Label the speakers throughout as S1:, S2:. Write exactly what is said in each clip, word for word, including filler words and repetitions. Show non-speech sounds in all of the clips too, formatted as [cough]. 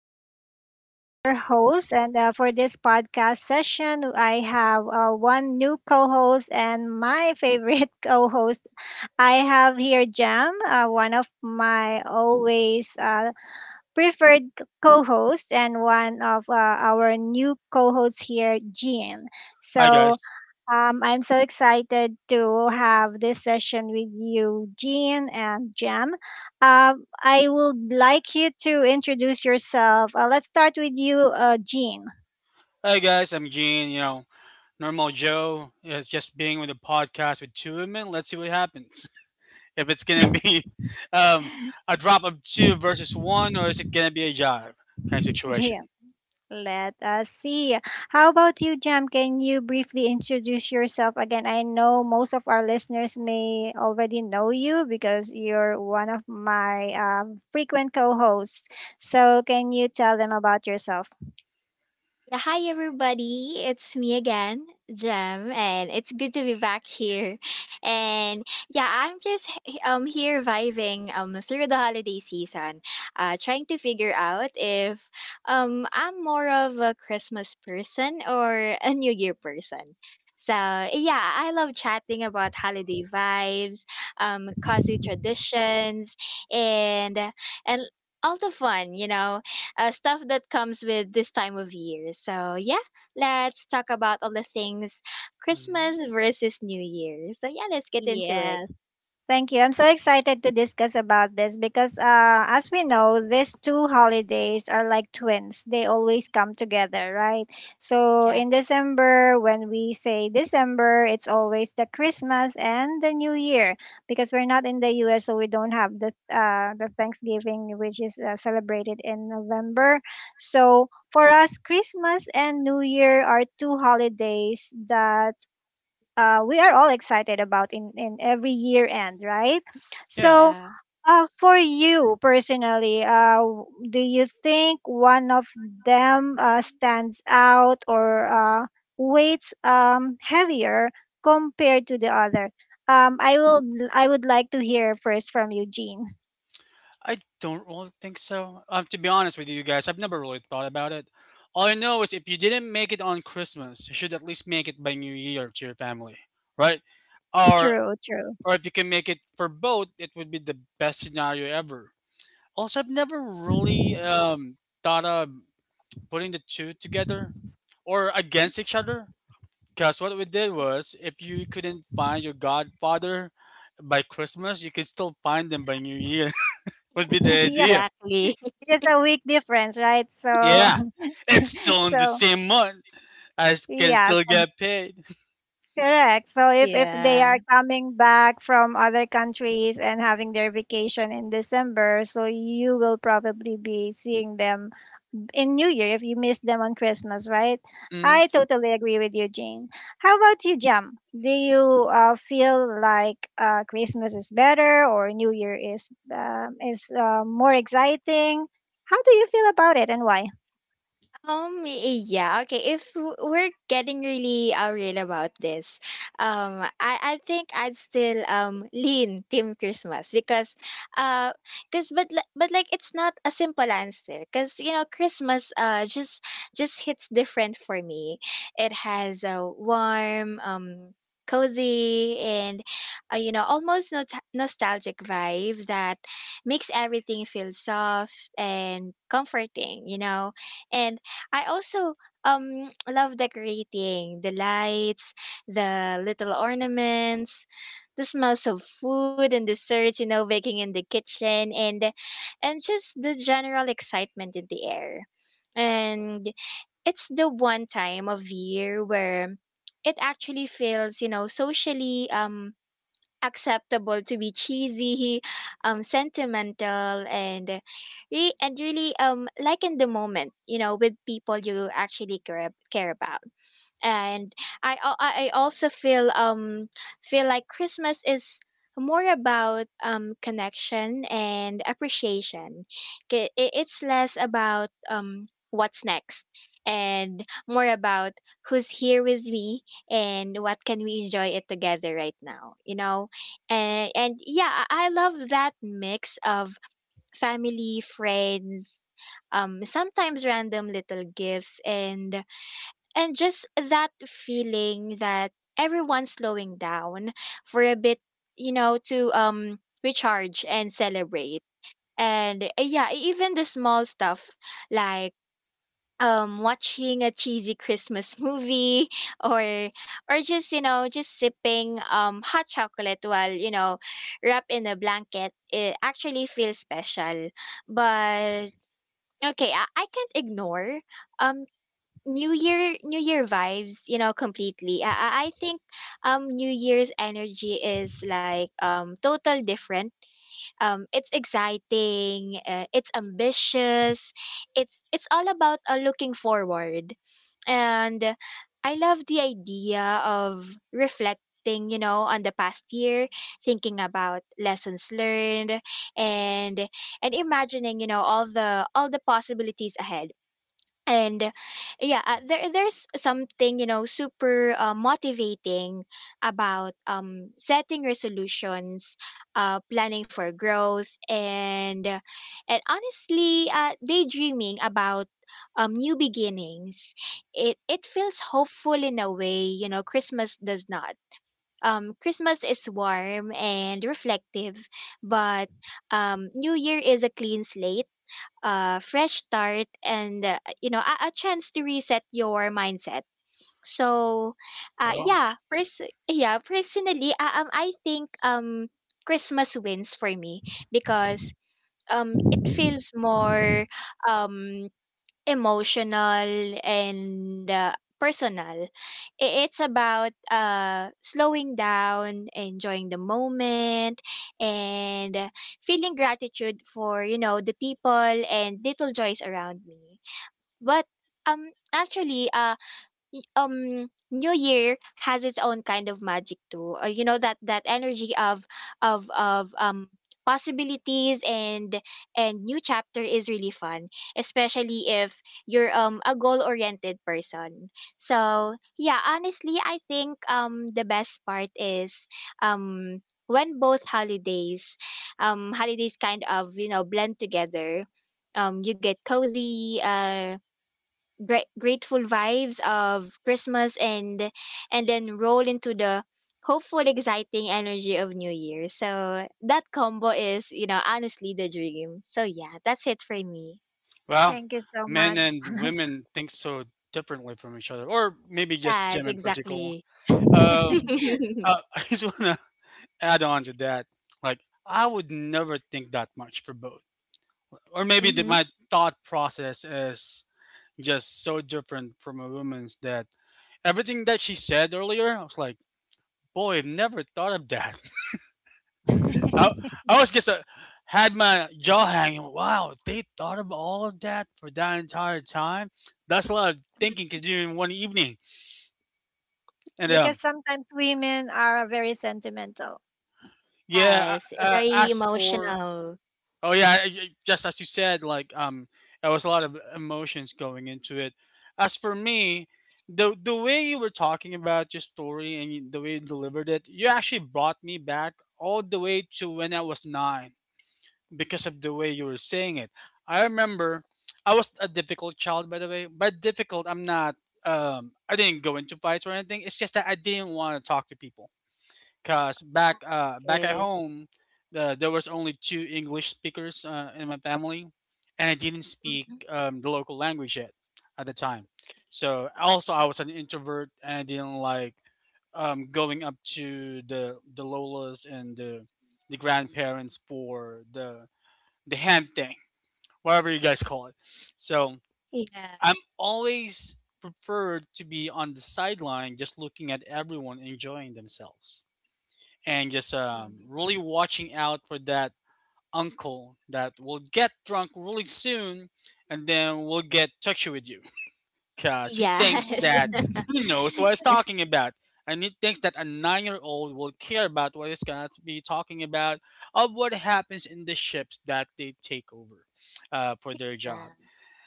S1: Esme again, your host. And uh, for this podcast session, I have uh, one new co host and my favorite [laughs] co host. I have here Jam, uh, one of my always uh, preferred co hosts, and one of uh, our new co hosts here, Jean.
S2: Hi
S1: So,
S2: guys.
S1: um, I'm so excited to have this session with you, Jean and Jam. Um, I would like you to introduce yourself. Uh, let's start with you, uh, Jean.
S2: Hi guys, I'm Gene, you know, normal Joe. It's just being with a podcast with two women. Let's see what happens. [laughs] If it's gonna be [laughs] um, a drop of two versus one, or is it gonna be a jive kind of
S1: [laughs]
S2: situation.
S1: Here, let us see. How about you, Jam? Can you briefly introduce yourself again? I know most of our listeners may already know you because you're one of my um, frequent co hosts. So, can you tell them about yourself?
S3: Yeah, hi everybody, it's me again, Jem, and it's good to be back here. And yeah, I'm just h- um here vibing um through the holiday season, uh trying to figure out if um I'm more of a Christmas person or a New Year person. So yeah, I love chatting about holiday vibes, um cozy traditions, and and all the fun, you know uh, stuff that comes with this time of year. So, yeah, let's talk about all the things
S2: Mm.
S3: Christmas versus New Year. So, yeah, let's get into it.
S1: Yes. Thank you. I'm so excited to discuss about this because, uh, as we know, these two holidays are like twins. They always come together, right? So
S3: Yeah,
S1: in December, when we say December, it's always the Christmas and the New Year because we're not in the U S, so we don't have the uh, the Thanksgiving, which is uh, celebrated in November. So for us, Christmas and New Year are two holidays that uh, we are all excited about in, in every year end, right?
S2: Yeah.
S1: So,
S3: yeah,
S1: uh, for you personally, uh, w- do you think one of them uh, stands out or uh, weights um, heavier compared to the other? Um, I will. I would like to hear first from Eugene.
S2: I don't really think so. Um, to be honest with you guys, I've never really thought about it. All I know is if you didn't make it on Christmas, you should at least make it by New Year to your family. Right? Or
S1: True, true.
S2: or if you can make it for both, it would be the best scenario ever. Also, I've never really um, thought of putting the two together or against each other. Because what we did was, if you couldn't find your godfather by Christmas, you could still find them by New Year. [laughs] Would be
S1: [laughs]
S2: the
S1: Yeah,
S2: idea.
S3: exactly.
S1: it's just a week difference, right? So,
S3: [laughs]
S2: Yeah,
S1: [laughs]
S2: it's still in the
S1: so
S2: same month. I s- can
S1: yeah.
S2: still get paid.
S1: Correct. So if if they
S3: Yeah.
S1: are coming back from other countries and having their vacation in December, so you will probably be seeing them in New Year if you miss them on Christmas, right?
S2: [laughs] hmm
S1: I totally agree with you, Jane. How about you, Jam? Do you uh, feel like uh, Christmas is better or New Year is um, is uh, more exciting? How do you feel about it and why?
S3: Um, yeah, okay. If w- we're getting really uh, real about this, um, I, I think I'd still um lean Team Christmas because, uh, cause but li- but like it's not a simple answer because you know Christmas uh just just hits different for me. It has a warm um cozy and uh, you know almost not- nostalgic vibe that makes everything feel soft and comforting. You know, and I also um [tsk] love decorating the lights, the little ornaments, the smells of food and desserts, you know, baking in the kitchen, and and just the general excitement in the air. And it's the one time of year where it actually feels, you know, socially um acceptable to be cheesy, um, sentimental, and re- and really um like in the moment, you know, with people you actually care ab- care about, and I al- I I also feel um feel like Christmas is more about um connection and appreciation. K- i- It's less about um what's next and more about who's here with me and what can we enjoy it together right now, you know. And and yeah, i I love that mix of family, friends, um sometimes random little gifts, and and just that feeling that everyone's slowing down for a bit, you know, to um recharge and celebrate. And uh, yeah, e, even the small stuff like um watching a cheesy Christmas [laughs] movie or or just, you know, just sipping um hot chocolate while, you know, wrapped in a blanket, it actually feels special. But okay, I, I can't ignore um New Year New Year vibes, you know, completely. I I I think um New Year's energy is like um total different. Um, it's exciting, uh, it's ambitious. It's it's all about uh, looking forward. And uh, I love the idea of reflecting, you know, on the past year, thinking about lessons learned and and imagining, you know, all the all the possibilities ahead, and yeah, uh, there there's something, you know, super uh, motivating about um setting resolutions, uh planning for growth, and uh, and honestly uh daydreaming about um new beginnings. it it feels hopeful in a way, you know, Christmas does not. Um christmas is warm and reflective, but um New Year is a clean slate, uh, fresh start, and uh, you know, a, a chance to reset your mindset. So uh,
S2: Well,
S3: yeah pers- yeah, personally, uh, um, I think um Christmas wins for me because um it feels more um emotional and uh, personal. I- It's about uh, slowing down, enjoying the moment, and uh, feeling gratitude for, you know, the people and little joys around me. But um, actually, Y um, New Year has its own kind of magic too. Uh, you know, that that energy of of of um possibilities and and new chapter is really fun, especially if you're um a goal-oriented person. So, yeah, honestly, I think um the best part is um when both holidays um holidays kind of, you know, blend together. Um, you get cozy, uh gra- grateful vibes of Christmas and and then roll into the hopeful, exciting energy of New Year. So that combo is, you know, honestly the dream. So yeah, that's it for me.
S2: well,
S1: Thank you so
S2: men
S1: much.
S2: and women think so differently from each other, or maybe just Jim
S3: Yes,
S2: in particular.
S3: exactly. [laughs]
S2: Um, uh, [laughs] I just wanna add on to that, like I would never think that much for both. Or maybe that
S3: Hmm.
S2: my thought process is just so different from a woman's that everything that she said earlier, I was like, boy, I've never thought of that. [laughs] I,
S1: [laughs]
S2: I was just uh, had my jaw hanging. Wow, they thought of all of that for that entire time. That's a lot of thinking to do in one evening. And
S1: Because
S2: um,
S1: sometimes women are very sentimental.
S2: Yeah,
S3: Yes,
S2: I, uh,
S3: very
S2: as for
S3: emotional.
S2: oh yeah, I- I- just as you said, like um, there was a lot of emotions going into it. As for me, the the way you were talking about your story, and you- the way you delivered it, you actually brought me back all the way to when I was nine because of the way you were saying it. I remember I was a difficult child, by the way. By difficult, I'm not. Um, I didn't go into fights or anything. It's just that I didn't want to talk to people. Cause back uh back at
S3: Okay.
S2: home, uh, there was only two English speakers uh, in my family, and I didn't speak
S3: Mhm.
S2: um, the local language yet at the time. So also I
S3: See?
S2: was an introvert and I didn't like um, going up to the the lolas and the the grandparents for the the hand thing, whatever you guys call it. So
S3: Yeah.
S2: I'm always preferred to be on the sideline, just looking at everyone enjoying themselves and just um,
S3: Mm.
S2: really watching out for that uncle that will get drunk really soon and then will get touchy with you because he thinks
S1: True.
S3: Yes.
S2: that he
S3: [laughs]
S2: knows what he's talking about, and he thinks that a nine-year-old will care about what he's going to be talking about, of what happens in the ships that they take over uh, for their
S3: Yeah.
S2: job.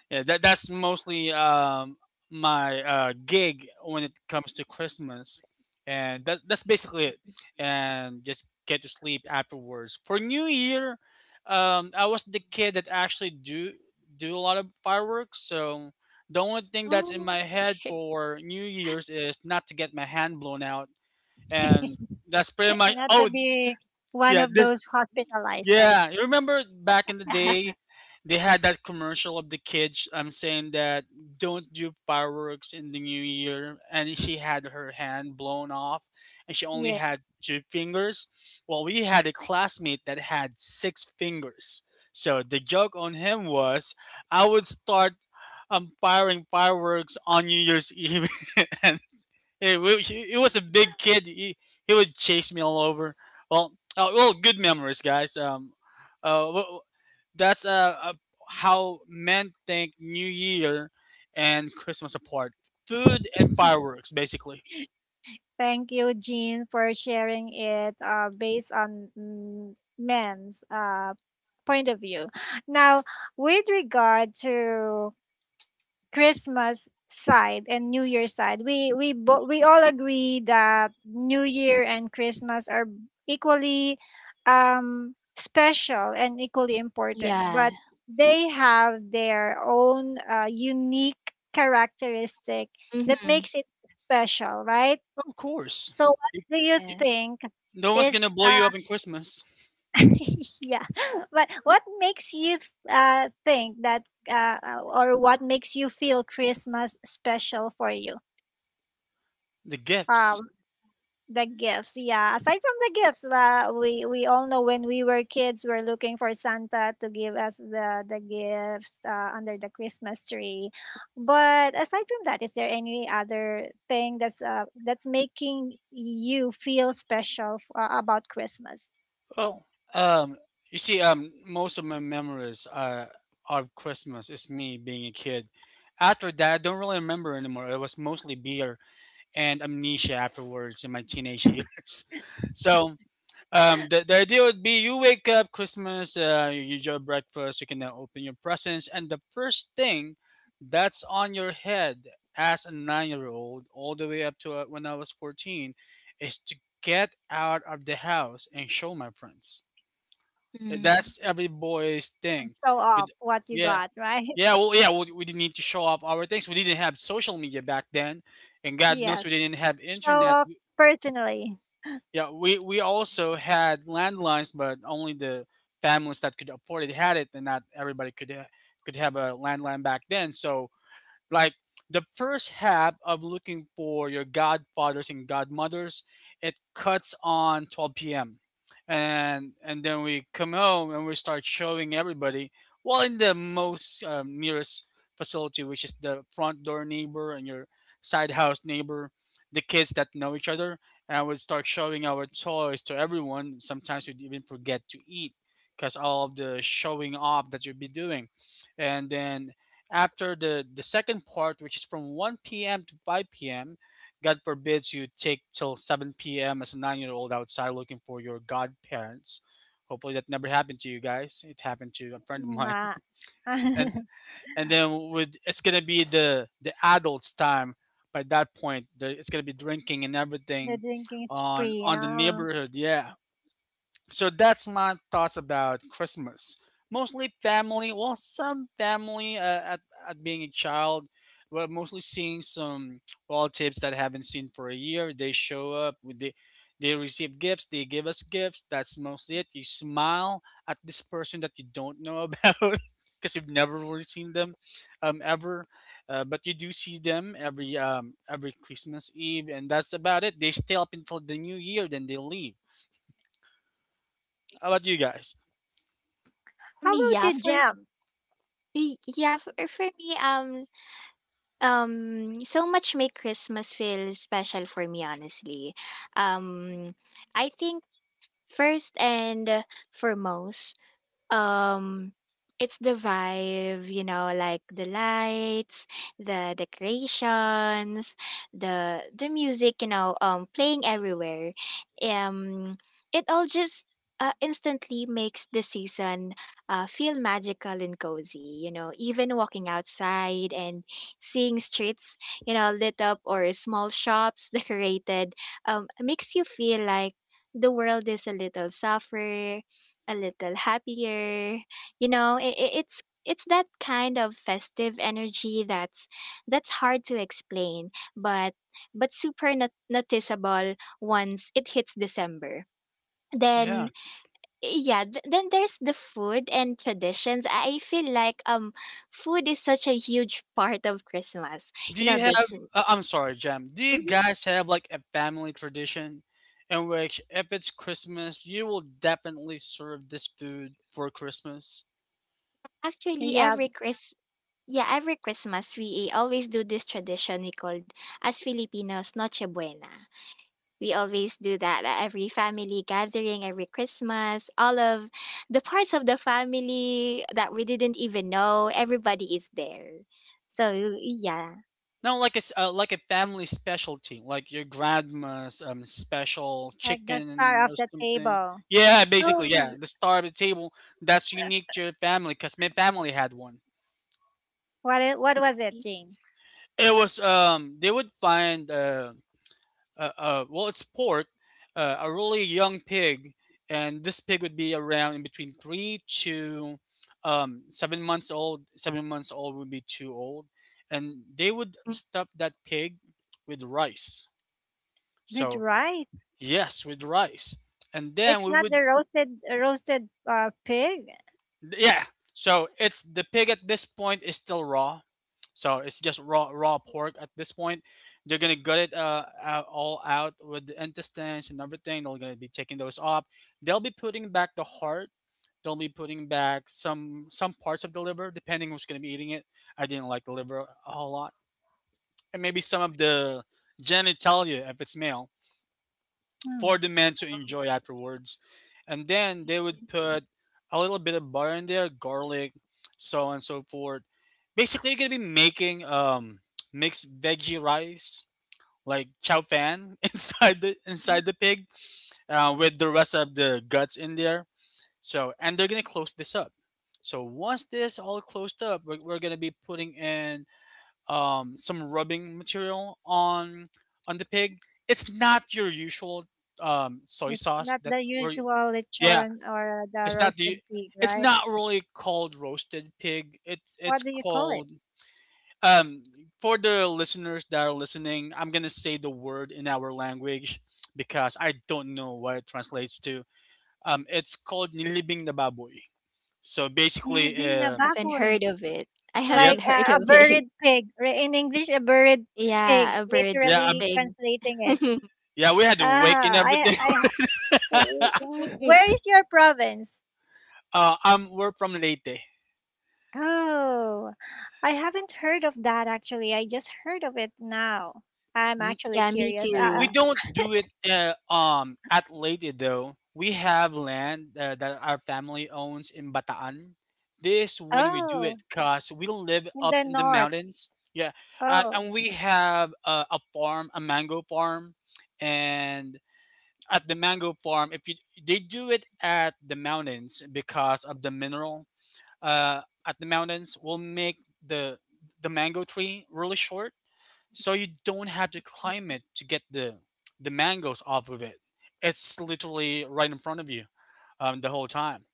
S2: Yeah, that that's mostly um, my uh, gig when it comes to Christmas, and that that's basically it. And just get to sleep afterwards. For New Year, um, I was the kid that actually do do a lot of fireworks. So the only thing that's
S3: Oh,
S2: in my
S3: okay.
S2: head
S3: [laughs]
S2: for New Year's is not to get my hand blown out, and
S1: [laughs]
S2: that's pretty much.
S1: And not to
S2: Oh
S1: be one
S2: yeah,
S1: of those
S2: this
S1: hospitalized, right?
S2: yeah, you remember back in the day, they had that commercial of the kids um saying that don't do fireworks in the new year, and she had her hand blown off, and she only
S1: Yeah.
S2: had two fingers. Well, we had a classmate that had six fingers. So the joke on him was, I would start um firing fireworks on New Year's Eve, [laughs] and it, wa- he, he was a big kid. He, he would chase me all over. Well, uh, well, good memories, guys. Um, uh, wh- that's uh, uh how men think New Year and Christmas apart. Food and fireworks, basically.
S1: Thank you, Jean, for sharing it uh, based on mm, men's uh, point of view. Now, with regard to Christmas side and New Year side, we we bo- we all agree that New Year and Christmas are equally um, special and equally important,
S3: Yeah. Yeah.
S1: but they have their own uh, unique characteristic that
S3: Mm-hmm.
S1: makes it special, right?
S2: Of course,
S1: So, what
S2: You-
S1: do you
S2: you-
S3: Yeah.
S1: think
S2: no one's
S1: is
S2: gonna blow you
S1: uh,
S2: up in Christmas.
S1: [laughs] yeah [laughs] but what makes you th- uh, think that uh, uh, or what makes you feel Christmas special for you
S2: The gifts.
S1: um the gifts, yeah, aside from the gifts, uh, we we all know when we were kids we're looking for Santa to give us the the gifts uh, under the Christmas tree, but aside from that, is there any other thing that's uh, that's making you feel special f- uh, about Christmas?
S2: Well, um, you see, um, most of my memories uh, of Christmas is me being a kid. After that, I don't really remember anymore. It was mostly beer and amnesia afterwards in my teenage [laughs] years. So um, the, the idea would be you wake up Christmas, uh, you eat your breakfast, you can now open your presents, and the first thing that's on your head as a nine-year-old, all the way up to uh, when I was fourteen, is to get out of the house and show my friends.
S3: Mm.
S2: That's every boy's
S1: And
S2: thing.
S1: show
S2: But
S1: off what you
S2: yeah,
S1: got, right? [laughs]
S2: yeah, well, yeah, we, we didn't need to show off our things. We didn't have social media back then, and God knows
S1: Yes.
S2: we didn't have
S1: So,
S2: internet.
S1: uh, personally,
S2: Yeah, we we also had landlines, but only the families that could afford it had it, and not everybody could ha- could have a landline back then. So, like, the first half of looking for your godfathers and godmothers, it cuts on twelve p m p.m., and and then we come home and we start showing everybody, well, in the most um, nearest facility, which is the front door neighbor and your side house neighbor, the kids that know each other, and I would start showing our toys to everyone. Sometimes we would even forget to eat because all of the showing off that you'd be doing. And then after the the second part, which is from one p m to five p m, God forbids you take till seven p m as a nine-year-old outside looking for your godparents. Hopefully that never happened to you guys. It happened to a friend of mine.
S1: nah. [laughs]
S2: [laughs] And
S1: The
S2: and then with, it's going to be the the adults time by that point. The, it's going to be drinking and everything
S1: drinking
S2: on
S1: spree.
S2: on the
S1: Uh,
S2: neighborhood. Yeah. So that's my thoughts about Christmas. Mostly family, well, some family uh, at, at being a child, but mostly seeing some relatives that I haven't seen for a year. They show up, with they, they receive gifts, they give us gifts. That's mostly it. You smile at this person that you don't know about [laughs] because you've never really seen them um, ever. Uh, but you do see them every um, every Christmas Eve, and that's about it. They stay up until the New Year, then they leave. How about you guys?
S1: how
S3: Me,
S1: about
S3: yeah,
S1: you,
S3: for
S1: Jam?
S3: Y yeah, for for me, um um, so much make Christmas feel special for me, honestly. Um, I think first and foremost, Um, it's the vibe, you know, like the lights, the decorations, the the music, you know, um, playing everywhere. Um, it all just uh, instantly makes the season uh, feel magical and cozy. You know, even walking outside and seeing streets, you know, lit up or small shops [laughs] decorated, um, makes you feel like the world is a little softer, a little happier. You know, it, it, it's it's that kind of festive energy that's that's hard to explain, but but super not- noticeable once it hits December. Then
S2: Yeah.
S3: yeah, th- then there's the food and traditions. I feel like um food is such a huge part of Christmas.
S2: Do
S3: You know
S2: you have?
S3: this.
S2: Uh, I'm sorry, Jam. Do you
S3: Mhm.
S2: guys have like a family tradition in which, if it's Christmas, you will definitely serve this food for Christmas?
S3: actually every
S1: Yes,
S3: Chris Yeah, every Christmas we always do this tradition we called, as Filipinos, Noche Buena. We always do that at every family gathering, every Christmas. All of the parts of the family that we didn't even know, everybody is there. So, yeah.
S2: No, like a s- uh, like a family specialty, like your grandma's um special
S1: like the
S2: chicken
S1: star of
S2: or
S1: the
S2: something.
S1: table.
S2: Yeah, basically, yeah.
S3: Oh, [laughs]
S2: The star of the table that's unique to your family, cause my family had one.
S1: What it, what was it, Jane?
S2: It was um they would find um uh, uh, well, it's pork, uh, a really young pig, and this pig would be around in between three to um, seven months old. Seven months old would be too old, and they would stuff that pig with rice.
S1: Good
S2: So
S1: right.
S2: yes, with rice, and then
S1: It's
S2: we
S1: not
S2: would.
S1: the roasted roasted uh, pig.
S2: Yeah. So it's, the pig at this point is still raw. So it's just raw raw pork at this point. They're gonna gut it uh, out, all out, with the intestines and everything. They're gonna be taking those off. They'll be putting back the heart. They'll be putting back some some parts of the liver, depending who's gonna be eating it. I didn't like the liver a whole lot, and maybe some of the genitalia if it's male,
S1: Hmm.
S2: for the men to enjoy afterwards. And then they would put a little bit of butter in there, garlic, so on and so forth. Basically, you're gonna be making um mixed veggie rice like chow fan [laughs] inside the inside the pig uh, with the rest of the guts in there. So, and they're gonna close this up. So once this all closed up, we're, we're gonna be putting in um, some rubbing material on on the pig. It's not your usual um, soy
S1: It's
S2: sauce
S1: not
S2: that
S1: the
S2: where you-
S1: usual
S2: yeah,
S1: lechon or the
S2: it's not the
S1: roasted pig,
S2: it's
S1: right?
S2: not really called roasted pig. It's it's
S1: What do you call it?
S2: called um, for the listeners that are listening. I'm gonna say the word in our language because I don't know what it translates to. Um, it's called nilibing na baboy. So basically,
S1: Nilibing na
S3: I
S2: um,
S3: haven't
S1: baboy.
S3: heard of it. I
S2: yep,
S3: haven't [laughs]
S1: Like uh,
S3: heard
S1: a
S3: of it.
S1: buried pig. Re- In English, a buried
S3: Yeah,
S1: pig.
S3: a bird f-
S2: yeah, um,
S1: Literally
S3: thing.
S1: translating it.
S3: [laughs]
S2: yeah, we had to wake and
S1: Ah, I,
S2: everything.
S1: I, ha- w-
S2: [laughs]
S1: w- where is your province?
S2: Uh, um, we're from Leyte.
S1: Oh, I haven't heard of that actually. I just heard of it now. I'm
S2: N-
S1: actually
S3: Yeah, me
S1: curious.
S2: We,
S1: Uh,
S2: we
S3: too.
S2: don't do it uh, um at Leyte though. We have land uh, that our family owns in Bataan. This when we do
S1: oh,
S2: it, cause we don't live
S1: in
S2: up
S1: the
S2: in the
S1: north.
S2: mountains. Yeah, uh,
S1: Oh,
S2: and we have uh, a farm, a mango farm, and at the mango farm, if you they do it at the mountains because of the mineral. Uh, at the mountains, will make the the mango tree really short so you don't have to climb it to get the the mangoes off of it. It's literally right in front of you um, the whole time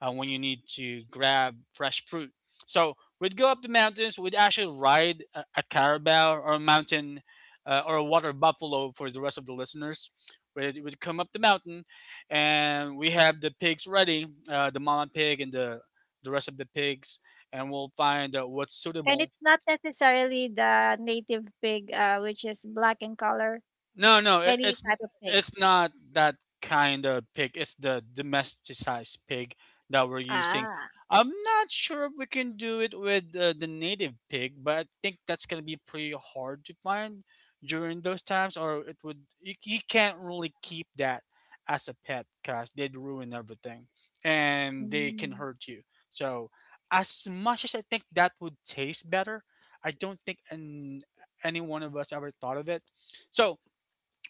S2: uh, when you need to grab fresh fruit. So we'd go up the mountains. We'd actually ride a, a carabao or a mountain uh, or a water buffalo for the rest of the listeners. We'd, we'd come up the mountain, and we have the pigs ready, uh, the mama pig and the the rest of the pigs, and we'll find uh, what's
S1: and
S2: suitable.
S1: it's not necessarily the native pig, uh, which is black in color,
S2: No, no, it,
S1: any
S2: it's
S1: type of pig.
S2: it's not that kind of pig. It's the domesticized pig that we're using.
S1: Ah,
S2: I'm not sure if we can do it with uh, the native pig, but I think that's gonna be pretty hard to find during those times, or it would you, you can't really keep that as a pet because they'd ruin everything and they can
S1: mm.
S2: hurt you. So, as much as I think that would taste better, I don't think an, any one of us ever thought of it. So,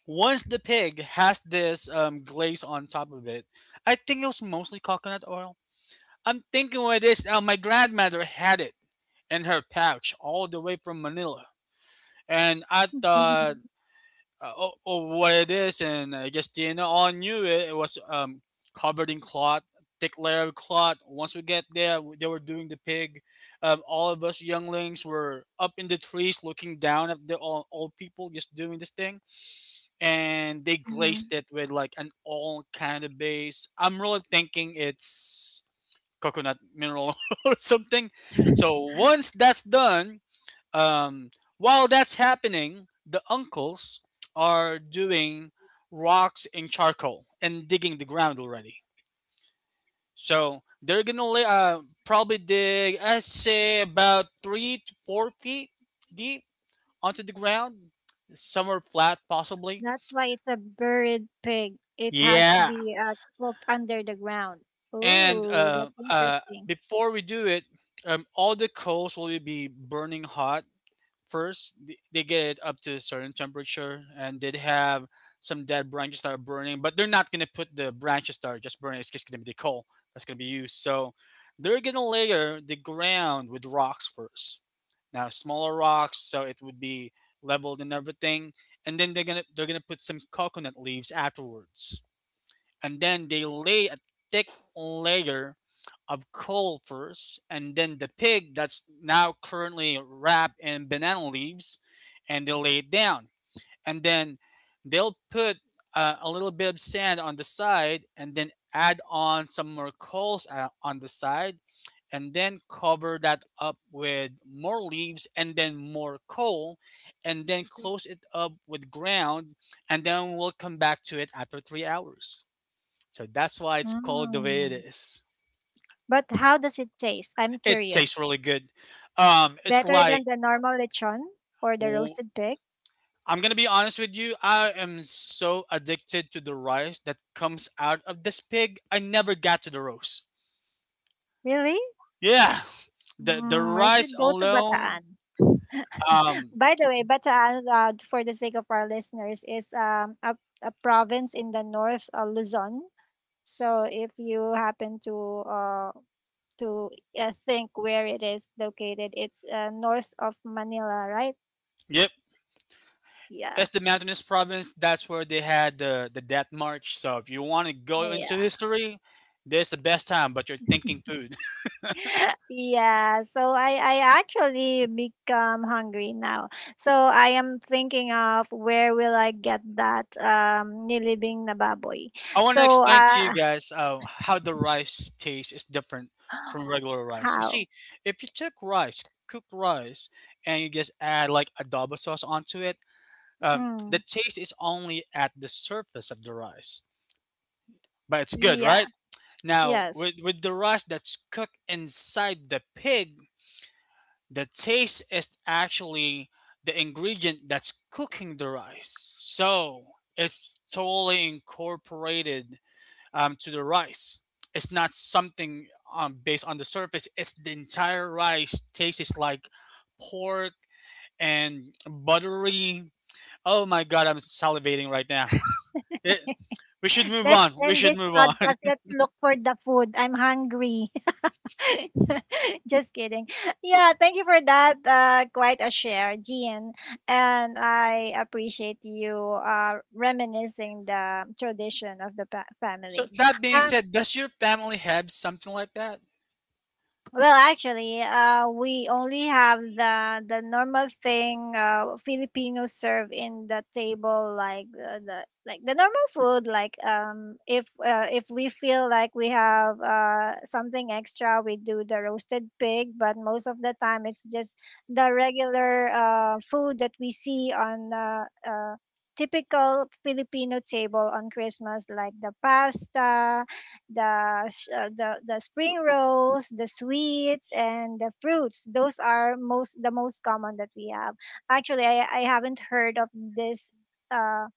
S2: once the pig has this um, glaze on top of it, I think it was mostly coconut oil. I'm thinking what it is. Uh, my grandmother had it in her pouch all the way from Manila, and I
S3: Mhm,
S2: thought, uh, oh, oh, what it is, and I guess Dina all knew it. It was um, covered in cloth, thick layer of cloth. Once we get there, they were doing the pig. Um, all of us younglings were up in the trees looking down at the old, old people just doing this thing, and they
S3: mhm.
S2: glazed it with like an all kind of base. I'm really thinking it's coconut mineral [laughs] or something. So once that's done, um, while that's happening, the uncles are doing rocks and charcoal and digging the ground already. So they're gonna lay, uh, probably dig, I say, about three to four feet deep onto the ground, somewhere flat possibly.
S1: That's why it's a buried pig. It has to
S2: Yeah.
S1: be uh, cooked under the ground.
S2: And
S1: Oh,
S2: uh,
S1: that's
S2: uh,
S1: interesting.
S2: before we do it, um, all the coals will be burning hot first. Th- They get it up to a certain temperature, and they'd have some dead branches that are burning, but they're not gonna put the branches that are just burning. It's just gonna be the coal that's gonna be used. So they're gonna layer the ground with rocks first. Now smaller rocks, so it would be leveled and everything, and then they're gonna they're gonna put some coconut leaves afterwards, and then they lay a thick layer of coal first, and then the pig that's now currently wrapped in banana leaves, and they lay it down, and then they'll put uh, a little bit of sand on the side, and then add on some more coals uh, on the side, and then cover that up with more leaves, and then more coal, and then close it up with ground, and then we'll come back to it after three hours. So that's why it's called the way it
S1: Mm.
S2: is.
S1: But how does it taste? I'm
S2: It tastes
S1: curious.
S2: really good. Um, it's
S1: Better than
S2: like
S1: the normal lechon or the
S2: w-
S1: roasted pig?
S2: I'm gonna be honest with you. I am so addicted to the rice that comes out of this pig. I never got to the roast.
S1: Really?
S2: Yeah, the the
S1: Mm, I
S2: rice
S1: should go to Bataan.
S2: alone.
S1: [laughs]
S2: Um,
S1: By the way, Bataan, uh, for the sake of our listeners, is um, a, a province in the north of Luzon. So if you happen to uh, to uh, think where it is located. It's uh, north of Manila, right?
S2: yep.
S1: Yeah.
S2: It's the mountainous province. That's where they had the the death march. So if you want to
S1: Oh,
S2: go into
S1: yeah.
S2: history, this is the best time. But you're
S1: [laughs]
S2: thinking food.
S1: Yeah, so I, I actually become hungry now. So I am thinking of where will I get that um nilibing na baboy.
S2: I want to
S1: So
S2: explain to you
S1: uh
S2: guys uh, how the rice taste is different
S1: [gasps]
S2: from regular rice. You
S1: how?
S2: see, if you took rice, cooked rice, and you just add like adobo sauce onto it, um, the
S1: Mm,
S2: taste is only at the surface of the rice, but it's good,
S1: yeah,
S2: right? Now,
S1: yes.
S2: with, with the rice that's cooked inside the pig, the taste is actually the ingredient that's cooking the rice. So it's totally incorporated um, to the rice. It's not something um, based on the surface. It's the entire rice tastes like pork and buttery. Oh my god, I'm salivating right now. [laughs] It, we should
S1: [laughs]
S2: move
S1: Let's
S2: on. We
S1: end
S2: should
S1: this
S2: move on.
S1: podcast.
S2: [laughs]
S1: Let's look for the food. I'm hungry. [laughs] Just kidding. Yeah, thank you for that. Uh, quite a share, Gian. And I appreciate you uh, reminiscing the tradition of the pa-
S2: So
S1: family.
S2: that being said, does your family have something like that?
S1: Well, actually, uh, we only have the the normal thing uh, Filipinos serve in the table, like uh, the like the normal food. Like um, if uh, if we feel like we have uh, something extra, we do the roasted pig. But most of the time, it's just the regular uh, food that we see on uh, uh, typical Filipino table on Christmas, like the pasta, the sh- uh, the the spring rolls, the sweets, and the fruits. Those are most the most common that we have. Actually, I I haven't heard of this. Uh,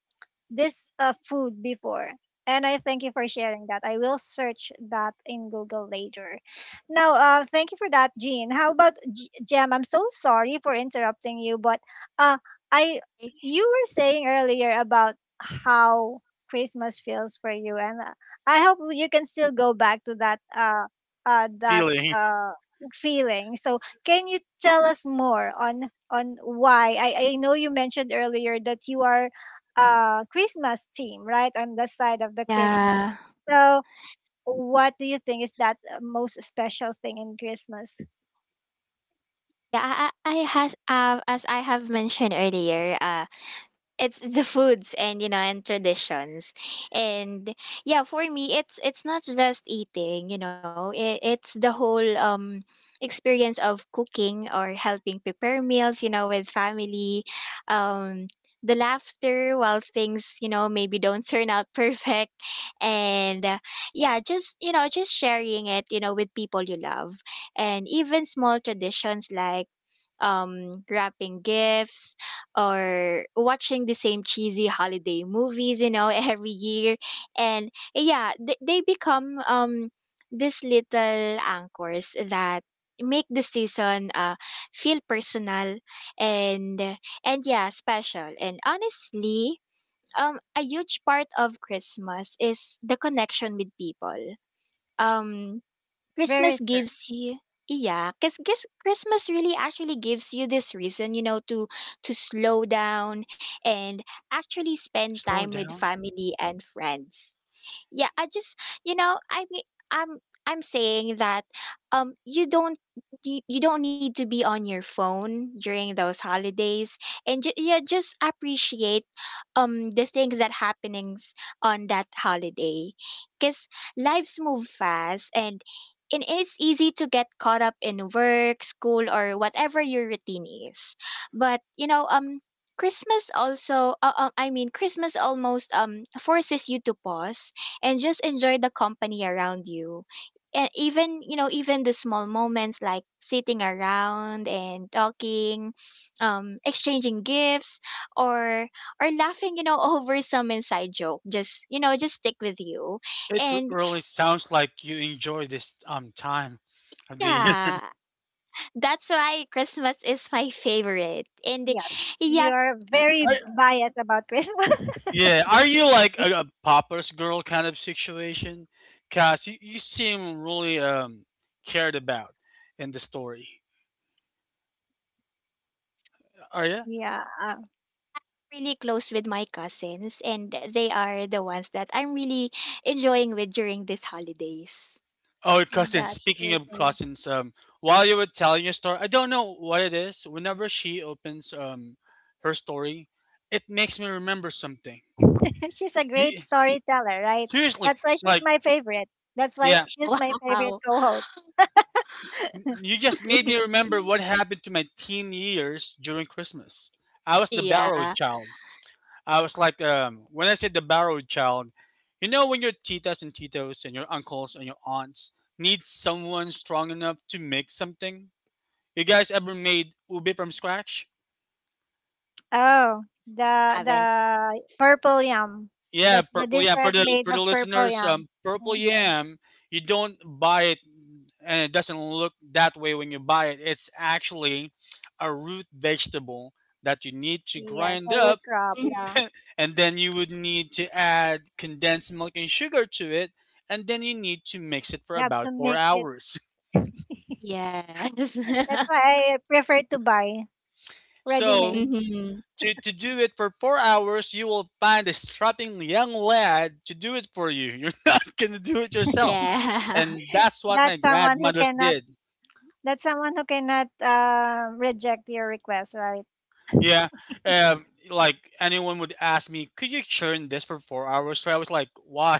S1: this uh, food before. And I thank you for sharing that. I will search that in Google later. Now, uh, thank you for that, Jean. How about G- Jem? I'm so sorry for interrupting you, but uh, I you were saying earlier about how Christmas feels for you, and uh, I hope you can still go back to that uh, uh, that
S2: Feeling?
S1: uh, feeling. So, can you tell us more on on why? I, I know you mentioned earlier that you are uh Christmas theme, right? On the side of the Christmas.
S3: Yeah.
S1: So, what do you think is that uh, most special thing in Christmas?
S3: Yeah, I, I I has uh, as I have mentioned earlier, uh it's the foods and, you know, and traditions. And yeah, for me, it's it's not just eating, you know, it, it's the whole um experience of cooking or helping prepare meals, you know, with family, um the laughter while things, you know, maybe don't turn out [laughs] perfect, and uh, yeah, just, you know, just sharing it, you know, with people you love. And even small traditions like um, wrapping gifts or watching the same cheesy holiday movies, you know, [laughs] every year. And yeah, they, they become um, these little anchors that make the season uh, feel personal and and yeah, special. And honestly, um a huge part of Christmas is the connection with people. um
S1: Very
S3: Christmas
S1: true.
S3: gives you, yeah, because Christmas really actually gives you this reason, you know, to to slow down and actually
S2: [laughs]
S3: spend
S2: Slow
S3: time with
S2: down.
S3: family and friends. Yeah, I just, you know, I mean, I'm I'm saying that um you don't, you, you don't need to be on your phone during those holidays, and ju- yeah, just appreciate um the things that happenings on that holiday, cuz lives move fast and and it's easy to get caught up in work, school, or whatever your routine is. But, you know, um Christmas also uh, uh, I mean, Christmas almost um forces you to pause and just enjoy the company around you. And even, you know, even the small moments like sitting around and talking, um, exchanging gifts or or laughing, you know, [laughs] over some inside joke. Just, you know, just stick with you.
S2: It
S3: And
S2: really sounds like you enjoy this um time of the.
S3: yeah, that's why Christmas is my favorite. And
S1: Yes.
S3: yeah,
S1: You are very
S2: [laughs] I
S1: biased about Christmas.
S2: Yeah, are you like a, a popper's girl kind of situation? Cause you, you seem really um cared about in the story. Are
S1: [laughs]
S2: you?
S1: yeah, uh,
S3: really close with my cousins, and they are the ones that I'm really enjoying with during these holidays.
S2: Oh, cousins.
S1: that's
S2: Speaking
S1: it.
S2: of cousins, um, while you were telling your story, I don't know what it is. Whenever she opens um her story, it makes me remember something.
S1: [laughs] She's a great
S2: You,
S1: storyteller, right?
S2: seriously,
S1: That's why she's
S2: like,
S1: my favorite. That's why
S2: yeah,
S1: she's my favorite
S3: Wow.
S1: co-host.
S2: you just made me
S3: [laughs]
S2: remember what happened to my teen years during Christmas. I was the
S3: Yeah,
S2: barrow
S3: I
S2: child. I was like, um, when I said the borrowed child, you know, when your titas and titos and your uncles and your aunts need someone strong enough to make something. You guys ever made ube from scratch?
S1: Oh, the
S3: haven't.
S1: the purple yam.
S2: Yeah,
S1: That's the
S2: purple yam. For
S1: dessert
S2: the
S1: made
S2: for the
S1: of purple
S2: listeners,
S1: yam.
S2: um, purple
S1: Mm-hmm.
S2: yam. You don't buy it, and it doesn't look that way when you buy it. It's actually a root vegetable that you need to
S1: Yes,
S2: grind
S1: a root
S2: up,
S1: crop.
S3: Mhm.
S1: Yeah.
S2: and then you would need to add condensed milk and sugar to it, and then you need to mix it for
S1: You have
S2: about
S1: to
S2: four
S1: make it.
S2: hours
S3: Yes. [laughs]
S1: That's why I prefer to buy
S2: [laughs] So
S1: ready-made.
S3: Mhm.
S2: to, to do it for four hours, you will find a strapping young lad to do it for you. You're [laughs] not going to do it yourself,
S3: Yeah.
S2: and
S3: [laughs]
S2: that's what my
S1: That's someone who
S2: grandmothers
S1: cannot.
S2: did.
S1: That's someone who cannot uh, reject your request, right?
S2: Yeah. Um, like, anyone would ask me, could you churn this for four hours straight? I was like, why?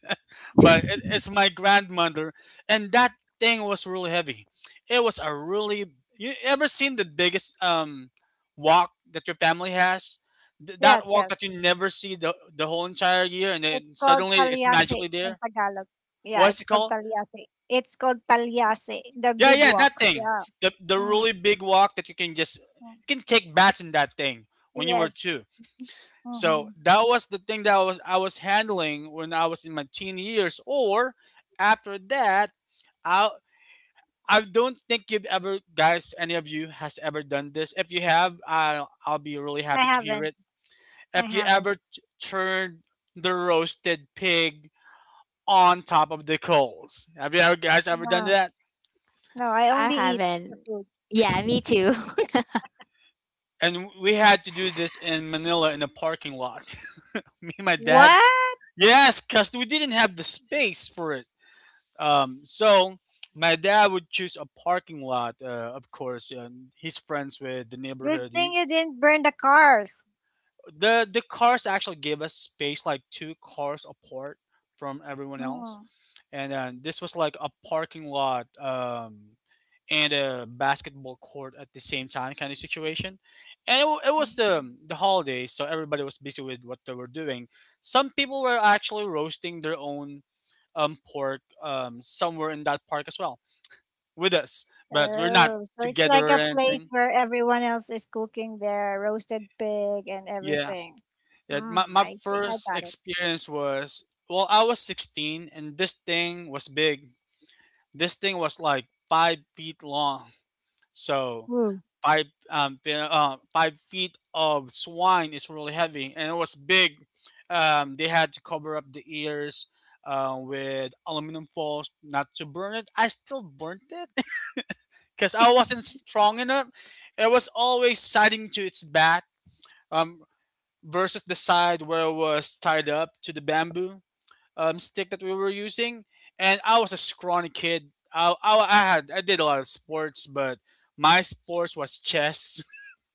S2: [laughs] but it, it's my grandmother. And that thing was really heavy. It was a really, you ever seen the biggest um, walk that your family has? Th- that
S1: Yes,
S2: walk
S1: yes.
S2: that you never see the, the whole entire year and
S1: It's
S2: then
S1: called
S2: suddenly it's
S1: taliase
S2: magically
S1: in
S2: there?
S1: Tagalog.
S2: What
S1: Yeah, it's
S2: is it
S1: called
S2: called?
S1: taliase. It's called taliase, the
S2: Yeah,
S1: big
S2: yeah, that
S1: walk.
S2: thing.
S1: Yeah.
S2: The, the
S1: Mm,
S2: really big walk that you can just, you
S1: mm.
S2: can take bats in that thing when you were
S1: Yes.
S2: two. So
S1: Hmm.
S2: that was the thing that was I was handling when I was in my teen years. Or after that, I I don't think you've ever guys any of you has ever done this. If you have, I'll I'll be really
S1: I
S2: happy to hear
S1: haven't.
S2: it.
S1: I
S2: If you
S1: haven't.
S2: ever t- turned the roasted pig on top of the coals, have you ever guys ever done
S1: No,
S2: that?
S1: no. I
S3: I
S1: only eat the
S3: haven't.
S1: food.
S3: Yeah, me too.
S2: And we had to do this in Manila in a parking lot. [laughs] Me and my dad.
S1: What?
S2: Yes, cause we didn't have the space for it. Um, so my dad would choose a parking lot, uh, of course, and he's friends with the
S1: Good
S2: neighborhood.
S1: thing
S2: He-
S1: you didn't burn the cars.
S2: the the cars actually gave us space, like two cars apart from everyone else,
S1: Mm.
S2: and uh, this was like a parking lot um, and a basketball court at the same time kind of situation. And it, wa- it was the the holidays, so everybody was busy with what they were doing. Some people were actually roasting their own um, pork um, somewhere in that park as well with us, but we're not
S1: Oh, so it's like
S2: together or
S1: a place
S2: anything.
S1: where everyone else is cooking their roasted pig and
S2: Yeah.
S1: everything.
S2: Yeah. My,
S1: Hmm,
S2: my
S1: I think I
S2: first
S1: got it.
S2: experience was, well, I was sixteen and this thing was big. This thing was like five feet long. So
S1: Mm.
S2: five, um, fe- uh, five feet of swine is really heavy and it was big. Um, they had to cover up the ears. Uh, with aluminum foils not to burn it. I still burnt it [laughs] because I wasn't strong enough. It was always siding to its back um, versus the side where it was tied up to the bamboo um, stick that we were using. And I was a scrawny kid. I, I, I had I did a lot of sports, but my sports was chess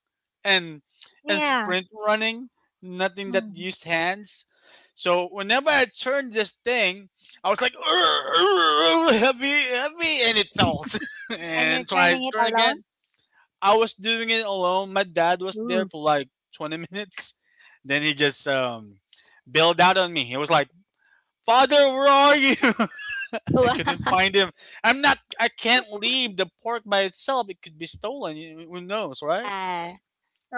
S2: [laughs] and and
S1: Yeah.
S2: sprint running, nothing that
S1: Mm.
S2: used hands. So whenever I turned this thing, I was like, "Urgh, urgh, urgh, heavy, heavy," and it fell [laughs]
S1: And you're
S2: and tried
S1: turning
S2: to
S1: it
S2: turn
S1: alone?
S2: again. I was doing it alone. My dad was there
S1: Mm.
S2: for like twenty minutes. Then he just um, bailed out on me. He was like, Father, where are you? [laughs]
S3: [laughs]
S2: I couldn't
S3: Wow.
S2: find him. I'm not, I can't leave the pork by itself. It could be stolen. You- Who knows, right?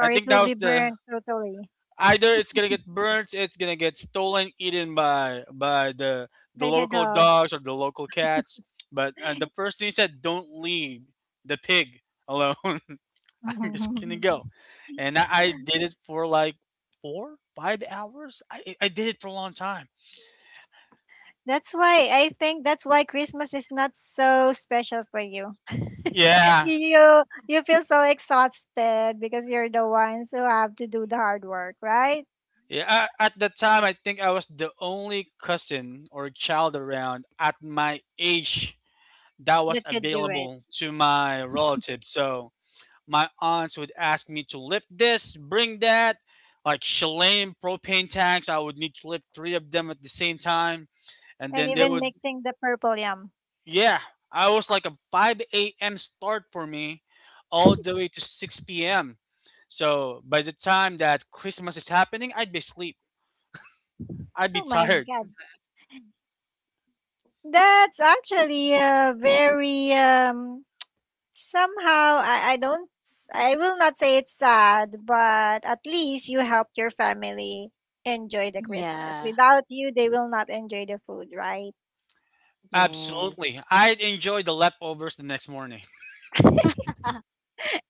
S2: I
S1: it
S2: think
S1: will
S2: that
S1: be
S2: was the,
S1: burned totally
S2: either it's gonna get burnt, it's gonna get stolen, eaten by by the the
S1: by the
S2: local
S1: dog.
S2: dogs or the local cats. But uh, the first thing he said, don't leave the pig alone. [laughs] I'm just gonna go,
S1: [laughs]
S2: and I, I did it for like four, five hours. I I did it for a long time.
S1: That's why I think that's why Christmas is not so special for you. [laughs]
S2: Yeah.
S1: You you feel so exhausted because you're the ones who have to do the hard work, right?
S2: Yeah, a- at the time, I think I was the only cousin or child around at my age that was
S1: That could do it.
S2: available to my relatives. So my aunts would ask me to lift this, bring that, like Shalane propane tanks. I would need to lift three of them at the same time. And
S1: And
S2: then they
S1: even
S2: would,
S1: mixing the purple yum.
S2: yeah, I was like a five a m start for me all the way to six p m. So by the time that Christmas is happening, I'd be asleep. I'd be
S1: Oh my
S2: tired.
S1: God. That's actually a very um somehow I, I don't s- I will not say it's sad, but at least you helped your family enjoy the Christmas.
S3: Yeah.
S1: Without you, they will not enjoy the food, right?
S3: Yeah.
S2: Absolutely. I'd enjoy the leftovers the next morning. [laughs]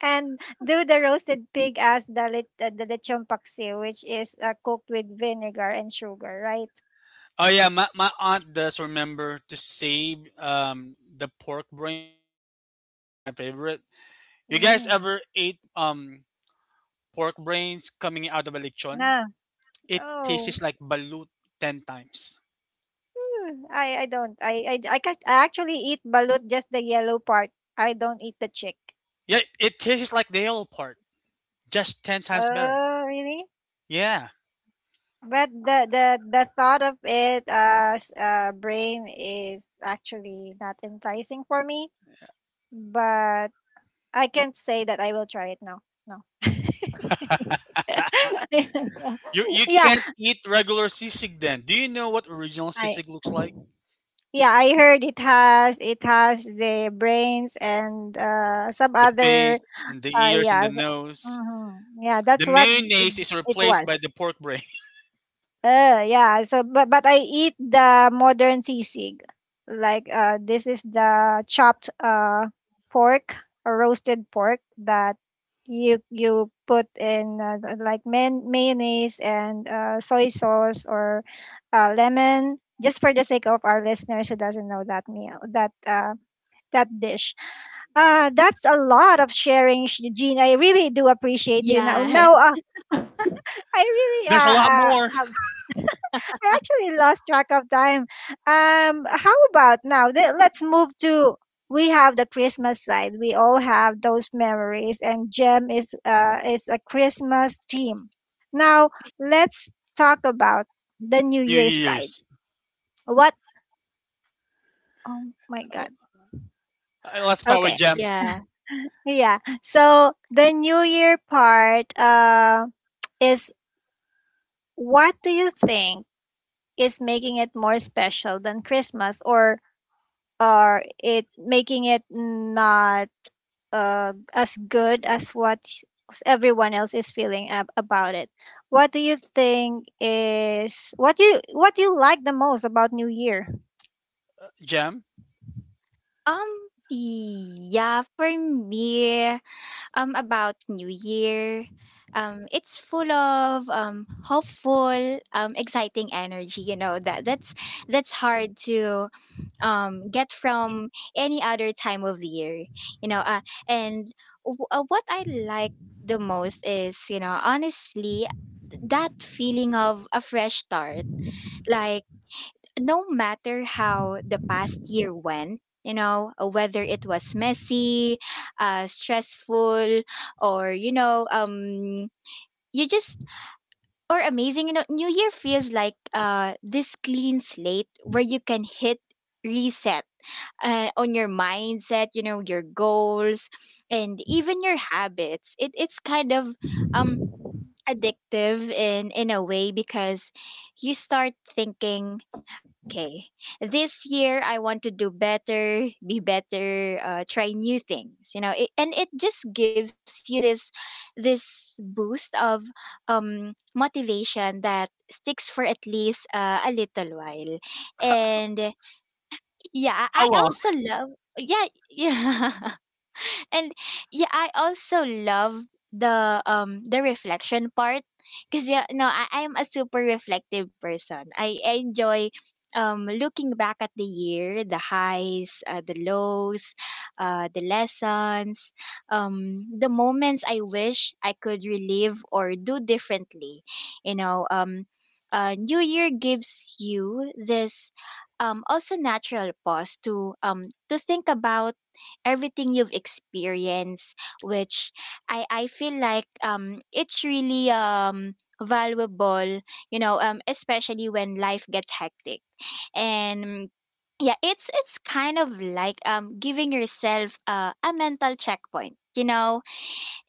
S1: And do the roasted pig as the lit, uh, the lechon paksiw, which is uh, cooked with vinegar and sugar, right?
S2: Oh yeah, my, my aunt does remember to save um the pork brain for me because it's my favorite. You guys
S1: Mm.
S2: ever ate um pork brains coming out of a lechon?
S1: Nah.
S2: It
S1: Oh.
S2: tastes like balut ten times.
S1: Mm, I I don't. I I I, ca- I actually eat balut, just the yellow part. I don't eat the chick.
S2: Yeah, it tastes like the yellow part, just ten times better.
S1: Oh, really?
S2: Yeah,
S1: But the the the thought of it as uh, brain is actually not enticing for me. But I can't say that I will try it now. No.
S2: you you
S1: [laughs] yeah,
S2: can't eat regular sisig then. Do you know what original
S1: I
S2: sisig looks like?
S1: yeah, I heard it has it has the brains and uh, some
S2: The
S1: other
S2: face and the
S1: uh,
S2: ears and
S1: yeah,
S2: the nose.
S1: mhm. Yeah, that's
S2: The
S1: what
S2: mayonnaise is
S1: it
S2: replaced
S1: was.
S2: by the pork brain.
S1: Uh, yeah. So, but but I eat the modern sisig. Like uh, this is the chopped uh pork or roasted pork that you you put in uh, th- like man- mayonnaise and uh, soy sauce or uh, lemon. Just for the sake of our listeners who doesn't know that meal, that uh, that dish. Uh, that's a lot of sharing, Sh- Jean. I really do appreciate you now. Now,
S3: Yes.
S1: uh, I
S2: [laughs]
S1: really uh,
S2: There's a lot
S1: uh,
S2: more.
S1: have I actually lost track of time. Um, how about now? Th- Let's move to we have the Christmas side. We all have those memories, and Gem is uh is a Christmas team. Now let's talk about the New
S2: New
S1: Year side.
S2: Year's.
S1: What? Oh my
S2: Uh,
S1: God.
S2: Let's start with
S1: Okay.
S3: Yes.
S2: Jam.
S3: Yeah.
S1: Yeah. So the New Year part uh is, what do you think is making it more special than Christmas, or or it making it not uh, as good as what s- everyone else is feeling ab- about it? What do you think is what you what you like the most about new year?
S2: Jam,
S3: Um, yeah, for me, um, about New Year, um, it's full of um hopeful, um, exciting energy, you know, that that's that's hard to um get from any other time of year, you know. uh, and w- uh, what I like the most is, you know, honestly, that feeling of a fresh start. Like, no matter how the past year went, you know, uh, whether it was messy, uh stressful, or, you know, um you just or amazing, you know, New Year feels like uh this clean slate where you can hit reset uh, on your mindset, you know, your goals, and even your habits. It it's kind of um addictive in in a way because you start thinking, okay, this year I want to do better, be better, uh, try new things, you know, it, and it just gives you this this boost of um motivation that sticks for at least uh, a little while. And yeah, I
S2: how
S3: also love, yeah, [laughs] yeah, and yeah, I also love the um the reflection part, because yeah, no, I, I am a super reflective person. i, I enjoy um looking back at the year, the highs, uh, the lows, uh the lessons, um the moments I wish I could relive or do differently, you know. Um uh, new Year gives you this um also natural pause to um to think about everything you've experienced, which I I feel like, um it's really um valuable, you know, um especially when life gets hectic. And yeah, it's it's kind of like um giving yourself uh, a mental checkpoint, you know.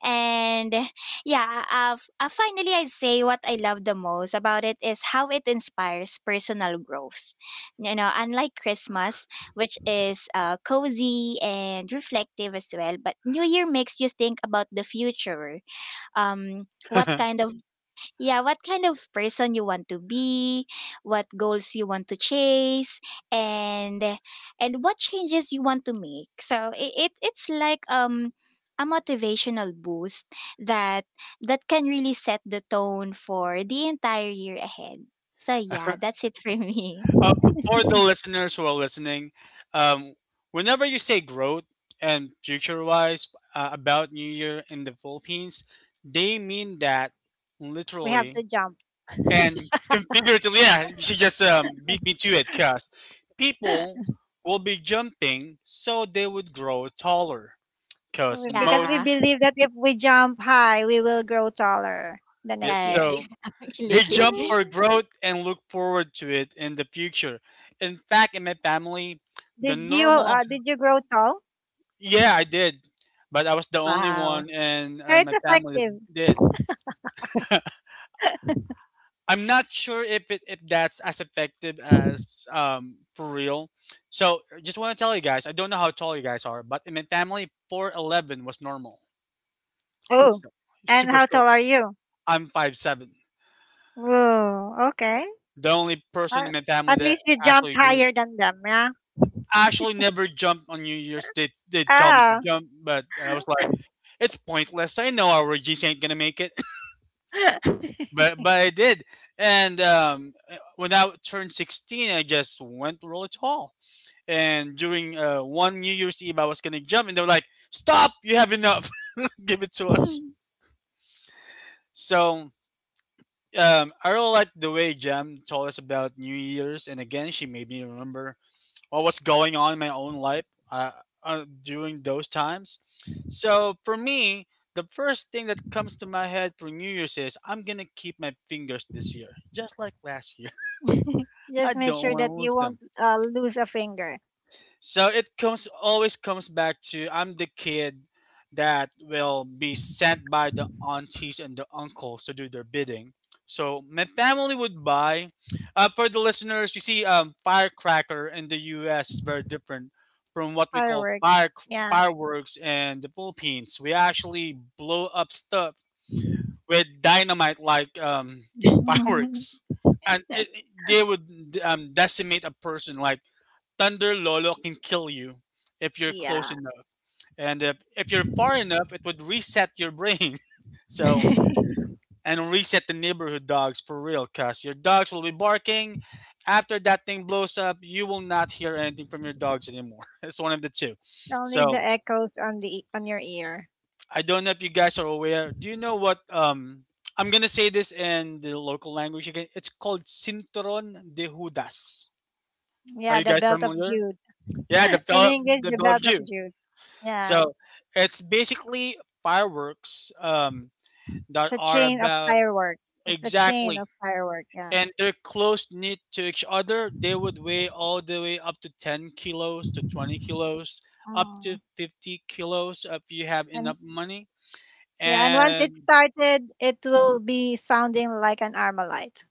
S3: And yeah, uh, f- uh, finally, I'd say what I love the most about it is how it inspires personal growth. You know, unlike Christmas, which is uh, cozy and reflective as well, but New Year makes you think about the future. Um, what
S2: long?
S3: kind of Yeah, what kind of person you want to be, what goals you want to chase, and and what changes you want to make. So it, it it's like um a motivational boost that that can really set the tone for the entire year ahead. So yeah,
S2: [laughs]
S3: that's it for me. [laughs]
S2: Uh, b- for the listeners who are listening, um, whenever you say growth and future wise uh, about New Year in the Philippines, they mean that
S1: We have to
S2: literally
S1: jump.
S2: and configuratively. Yeah, [laughs] she just um, beat me to it because people will be jumping so they would grow taller. Because
S1: [laughs] Because we
S3: Yeah.
S2: most,
S1: believe that if we jump high, we will grow taller the
S2: yep,
S1: next
S3: Yes,
S1: year.
S2: so
S3: [laughs]
S2: they
S1: [laughs]
S3: exactly.
S2: jump
S3: [laughs]
S2: for growth and look forward to it in the future. In fact, in my family, the
S1: Did you
S2: normal.
S1: uh, did you grow tall?
S2: Yeah, I did, but I was the only
S3: Wow.
S2: one in in
S1: It's
S2: my family that
S1: effective.
S2: did. I'm not sure if it, if that's as effective as um for real. So just want to tell you guys, I don't know how tall you guys are, but in my family, four eleven was normal.
S1: Oh,
S2: So
S1: and
S2: super
S1: how
S2: short.
S1: tall are you?
S2: I'm five seven.
S1: Whoa, okay.
S2: The only person in
S1: At
S2: my family
S1: at
S2: that
S1: least you jumped
S2: actually grew.
S1: higher than them, yeah?
S2: I actually never jumped on New Year's. They they tell me to
S1: Ah.
S2: jump, but I was like, it's pointless. I know our G C ain't gonna make it.
S1: [laughs]
S2: but but I did. And um, uh, when I turned sixteen, I just went really tall. And during uh, one New Year's Eve, I was gonna jump, and they were like, "Stop! You have enough. [laughs] Give it to us." So um, I really like the way Jam told us about New Year's, and again, she made me remember what was going on in my own life uh, uh, during those times. So for me, the first thing that comes to my head for New Year's is I'm gonna keep my fingers this year, just like last year. I
S1: Just make
S2: don't
S1: sure
S2: want
S1: that
S2: to lose
S1: you
S2: them.
S1: won't uh, lose a finger.
S2: So it comes always comes back to I'm the kid that will be sent by the aunties and the uncles to do their bidding. So my family would buy. Uh, for the listeners, you see, um, firecracker in the U S is very different from what we call
S1: Fireworks.
S2: fire
S1: Yeah.
S2: fireworks in the Philippines. We actually blow up stuff with dynamite like um, [laughs] fireworks,
S1: [laughs]
S2: and it, it- they would um, decimate a person like Thunder Lolo can kill you if you're close
S1: Yeah.
S2: enough. And if, if you're far enough, it would reset your brain. [laughs] So,
S1: [laughs]
S2: and reset the neighborhood dogs for real, cuz your dogs will be barking. After that thing blows up, you will not hear anything from your dogs anymore. [laughs] It's one of the two.
S1: Only the
S2: So,
S1: echoes on the on your ear.
S2: I don't know if you guys are aware. Do you know what? Um, I'm gonna say this in the local language again. It's called Cinturon de Judas. Are
S1: Yeah,
S2: you
S1: the
S2: guys
S1: belt of
S2: familiar?
S1: Jude.
S2: Yeah, the
S1: [laughs] In
S2: bell,
S1: English,
S2: the
S1: the
S2: bell of
S1: belt of
S2: Jew.
S1: Jude. Yeah.
S2: So it's basically fireworks um,
S1: It's
S2: that
S1: a
S2: are
S1: chain of
S2: about
S1: firework. It's the chain
S2: exactly,
S1: of firework, yeah.
S2: and they're close knit to each other. They would weigh all the way up to 10 kilos to twenty kilos, up to
S1: Mm.
S2: fifty kilos if you have
S1: And
S2: enough money.
S1: yeah, and once it
S2: And
S1: started, it will be sounding like an armalite.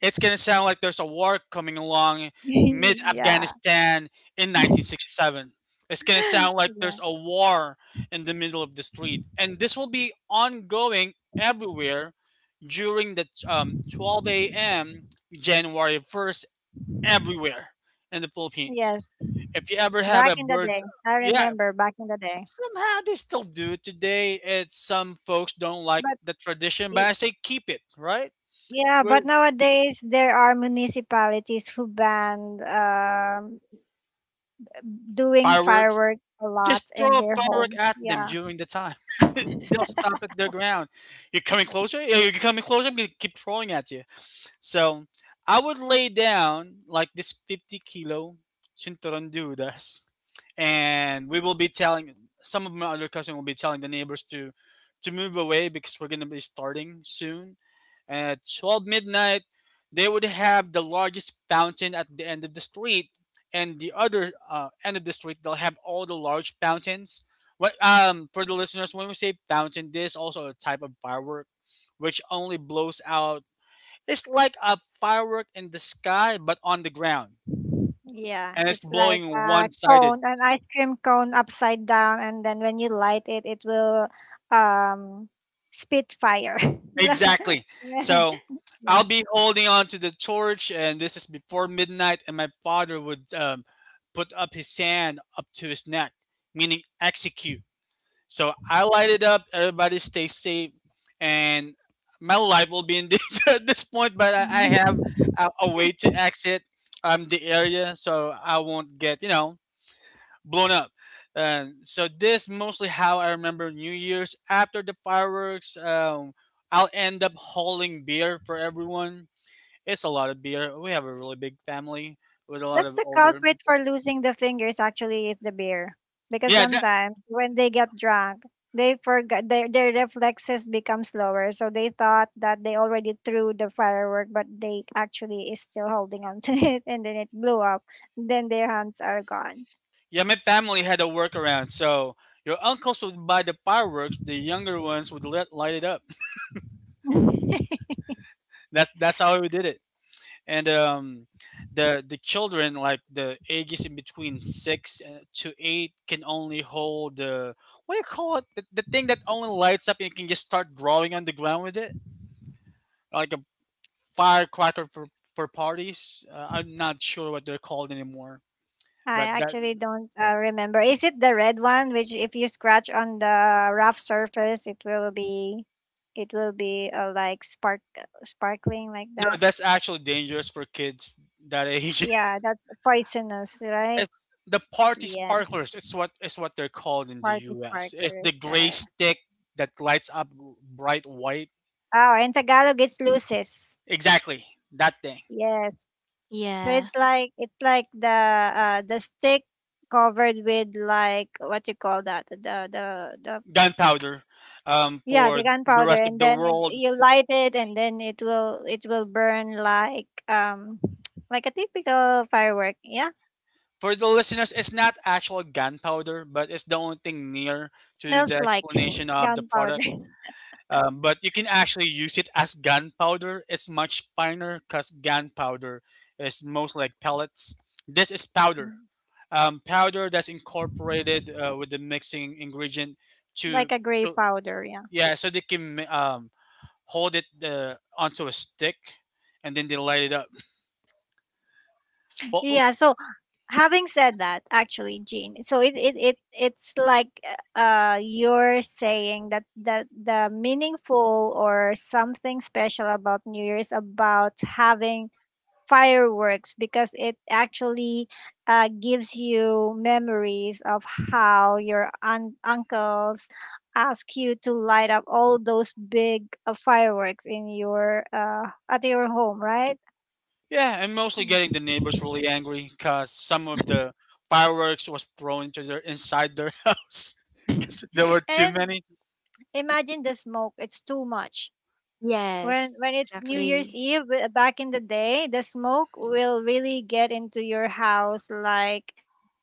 S2: it's gonna sound like there's a war coming along
S1: [laughs]
S2: mid
S1: Yeah.
S2: Afghanistan in nineteen sixty-seven. It's gonna sound like
S1: Yeah.
S2: there's a war in the middle of the street, and this will be ongoing everywhere during the um, twelve a m. January first everywhere in the Philippines.
S1: Yes.
S2: If you ever have
S1: Back
S2: a
S1: in the
S2: bird's.
S1: day. I
S2: Yeah,
S1: remember back in the day.
S2: somehow they still do it today. It's some folks don't like
S1: But
S2: the tradition, but
S1: y-
S2: I say keep it right.
S1: yeah,
S2: We're,
S1: but nowadays there are municipalities who ban um doing
S2: fireworks.
S1: fireworks a lot
S2: Just
S1: in
S2: throw a
S1: their home.
S2: firework at them
S1: Yeah.
S2: during the time. [laughs] They'll stop at their ground. You're coming closer. Yeah, you're coming closer. I'm gonna keep throwing at you. So I would lay down like this fifty kilo Shintoron Dudas, and we will be telling some of my other cousins will be telling the neighbors to to move away because we're gonna be starting soon. At twelve midnight, they would have the largest fountain at the end of the street, and the other uh, end of the street they'll have all the large fountains. What um for the listeners, when we say fountain, this is also a type of firework which only blows out. It's like a firework in the sky, but on the ground,
S1: Yeah.
S2: and it's
S1: It's like
S2: blowing
S1: a
S2: one sided.
S1: cone, an ice cream cone upside down, and then when you light it, it will um spit fire.
S2: Exactly.
S1: [laughs] Yeah.
S2: So I'll
S1: Yeah.
S2: be holding on to the torch, and this is before midnight, and my father would um, put up his hand up to his neck, meaning execute. So I light it up, everybody stay safe, and my life will be in danger [laughs] at this point, but I, I
S1: [laughs]
S2: have a, a way to exit um, the area so I won't get, you know, blown up. And so this mostly how I remember New Year's. After the fireworks, um, I'll end up hauling beer for everyone. It's a lot of beer. We have a really big family with a lot
S1: That's
S2: of
S1: the
S2: older
S1: culprit
S2: people.
S1: for losing the fingers, actually, is the beer. Because
S2: Yeah, that,
S1: sometimes when they get drunk, they forgot their their reflexes become slower. So they thought that they already threw the firework, but they actually is still holding on to [laughs] it, and then it blew up. Then their hands are gone.
S2: yeah. My family had a workaround. So your uncles would buy the fireworks. The younger ones would let, light it up. [laughs] That's that's how we did it. And um the the children like the ages in between six and- to eight can only hold the what do you call it the, the thing that only lights up and you can just start drawing on the ground with it like a firecracker for for parties, uh, I'm not sure what they're called anymore.
S1: I
S2: But that
S1: actually don't uh, remember. Is it the red one, which if you scratch on the rough surface, it will be, it will be uh, like spark, sparkling like
S2: No,
S1: that?
S2: that's actually dangerous for kids that age.
S1: Yeah, that's poisonous,
S2: [laughs]
S1: right?
S2: It's the party
S1: Yeah,
S2: sparklers. It's what it's what they're called in the
S1: party
S2: US. It's the
S1: sparklers. Uh,
S2: gray stick that lights up bright white.
S1: oh, in Tagalog, it's luces.
S2: Exactly, that thing,
S1: Yes, so
S3: Yeah.
S1: it's like it's like the uh the stick covered with, like, what you call that, the the the
S2: gunpowder, um,
S1: yeah,
S2: for
S1: the
S2: the
S1: gunpowder,
S2: rest of
S1: and
S2: the
S1: then it,
S2: world.
S1: you light it, and then it will it will burn like um [tsk] like a typical firework. Yeah,
S2: For the listeners, it's not actual gunpowder, but it's the only thing near to the
S1: smells like
S2: explanation of the
S1: gunpowder,
S2: product. Um, but you can actually use it as gunpowder. It's much finer because gunpowder is mostly like pellets. This is powder,
S1: [laughs]
S2: um, powder that's incorporated uh, with the mixing ingredient to
S1: like a gray
S2: so
S1: powder. Yeah,
S2: yeah, so they can mi- um, hold it uh, onto a stick, and then they light it up. Well, well,
S1: yeah. So having said that, actually, Jean, so it it, it it's like uh you're saying that the the meaningful or something special about new year is about having fireworks, because it actually uh, gives you memories of how your un- uncles ask you to light up all those big uh, fireworks in your uh, at your home, right?
S2: yeah, and mostly getting the neighbors really angry because some of the fireworks was thrown into their inside their [laughs] house because there
S1: [laughs]
S2: were too
S1: And
S2: many.
S1: imagine the smoke, it's too much.
S3: Yes,
S1: When when it's New Year's
S3: exactly.
S1: Eve, w- back in the day, the smoke will really get into your house, like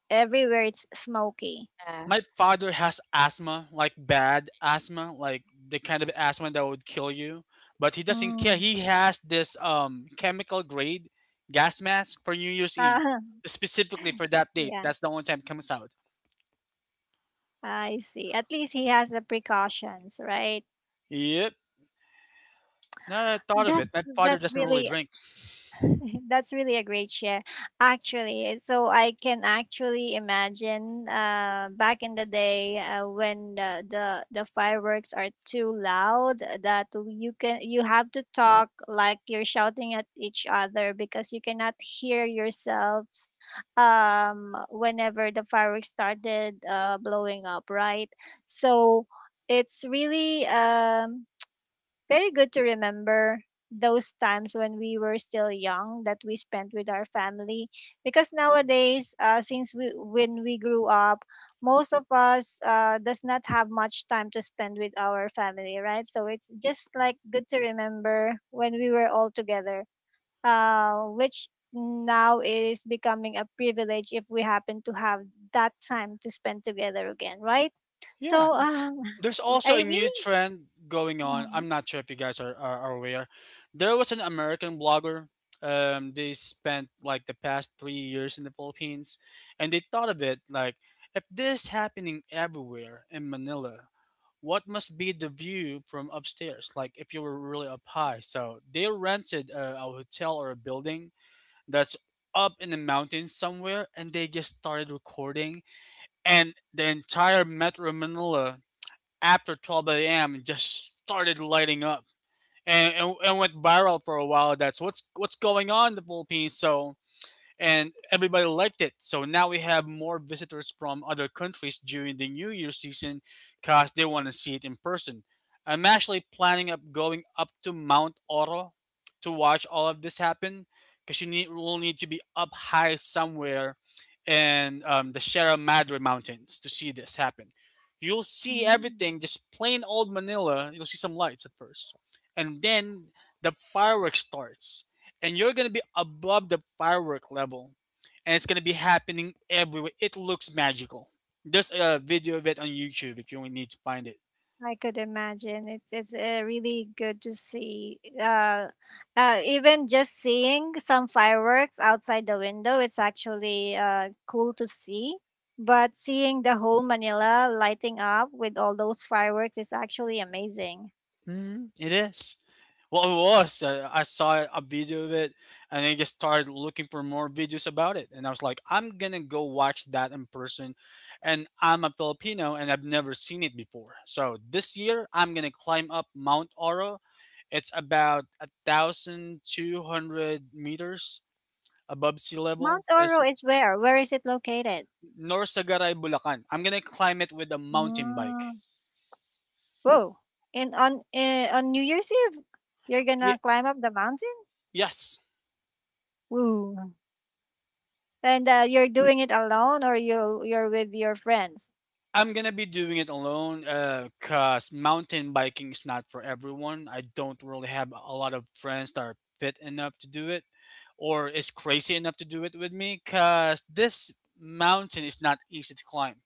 S1: everywhere, it's smoky.
S3: Yeah.
S2: My father has asthma, like bad asthma, like the kind of asthma that would kill you. But he doesn't care.
S1: Mm.
S2: He has this um chemical grade gas mask for New Year's Eve,
S1: Uh, [laughs]
S2: specifically for that date.
S1: yeah,
S2: That's the only time it comes out.
S1: I see. At least he has the precautions, right?
S2: Yep. Now that I thought of
S1: That's
S2: it, my father
S1: that's
S2: doesn't really
S1: really
S2: drink.
S1: [laughs] that's really a great share, actually. So I can actually imagine uh, back in the day uh, when the, the the fireworks are too loud, that you can you have to talk like you're shouting at each other because you cannot hear yourselves um, whenever the fireworks started uh, blowing up, right? So it's really um, very good to remember those times when we were still young that we spent with our family, because nowadays uh, since we when we grew up, most of us uh, does not have much time to spend with our family, right? So it's just like good to remember when we were all together, uh, which now is becoming a privilege if we happen to have that time to spend together again, right?
S2: Yeah,
S1: So um,
S2: there's also
S1: I
S2: a new
S1: really
S2: trend going on.
S1: Mhm.
S2: I'm not sure if you guys are, are, are aware. There was an American blogger. Um, they spent like the past three years in the Philippines, and they thought of it like, if this is happening everywhere in Manila, what must be the view from upstairs? Like if you were really up high. So they rented a, a hotel or a building that's up in the mountains somewhere, and they just started recording, and the entire Metro Manila after twelve a m and just started lighting up and, and, and went viral for a while. That's what's what's going on in the Philippines. So and everybody liked it. So now we have more visitors from other countries during the New Year season because they want to see it in person. I'm actually planning up going up to Mount Oro to watch all of this happen because you need will need to be up high somewhere in um, the Sierra Madre Mountains to see this happen. You'll see
S1: Mm.
S2: everything, just plain old Manila. You'll see some lights at first, and then the fireworks starts and you're gonna be above the firework level, and it's gonna be happening everywhere. It looks magical. There's a video of it on YouTube if you need to find it.
S1: I could imagine. It's it's uh, really good to see. Uh, uh, even just seeing some fireworks outside the window, it's actually uh, cool to see. But seeing the whole Manila lighting up with all those fireworks is actually amazing.
S2: Mm, it is. Well, it was. Uh, I saw a video of it, and I just started looking for more videos about it. And I was like, I'm gonna go watch that in person. And I'm a Filipino, and I've never seen it before. So this year, I'm gonna climb up Mount Oro. It's about a thousand two hundred meters above sea level.
S1: Mount
S2: Is
S1: Oro is where? Where is it located?
S2: Norsagaray, Bulacan. I'm gonna climb it with a mountain bike.
S1: Mm. Whoa! In on uh, on New Year's Eve, you're
S2: Y-
S1: gonna climb up the mountain.
S2: yes,
S1: Woo! And uh, you're doing it alone, or you you're with your friends?
S2: I'm gonna be doing it alone. Uh, cause mountain biking is not for everyone. I don't really have a lot of friends that are fit enough to do it, or is crazy enough to do it with me. Cause this mountain is not easy to climb.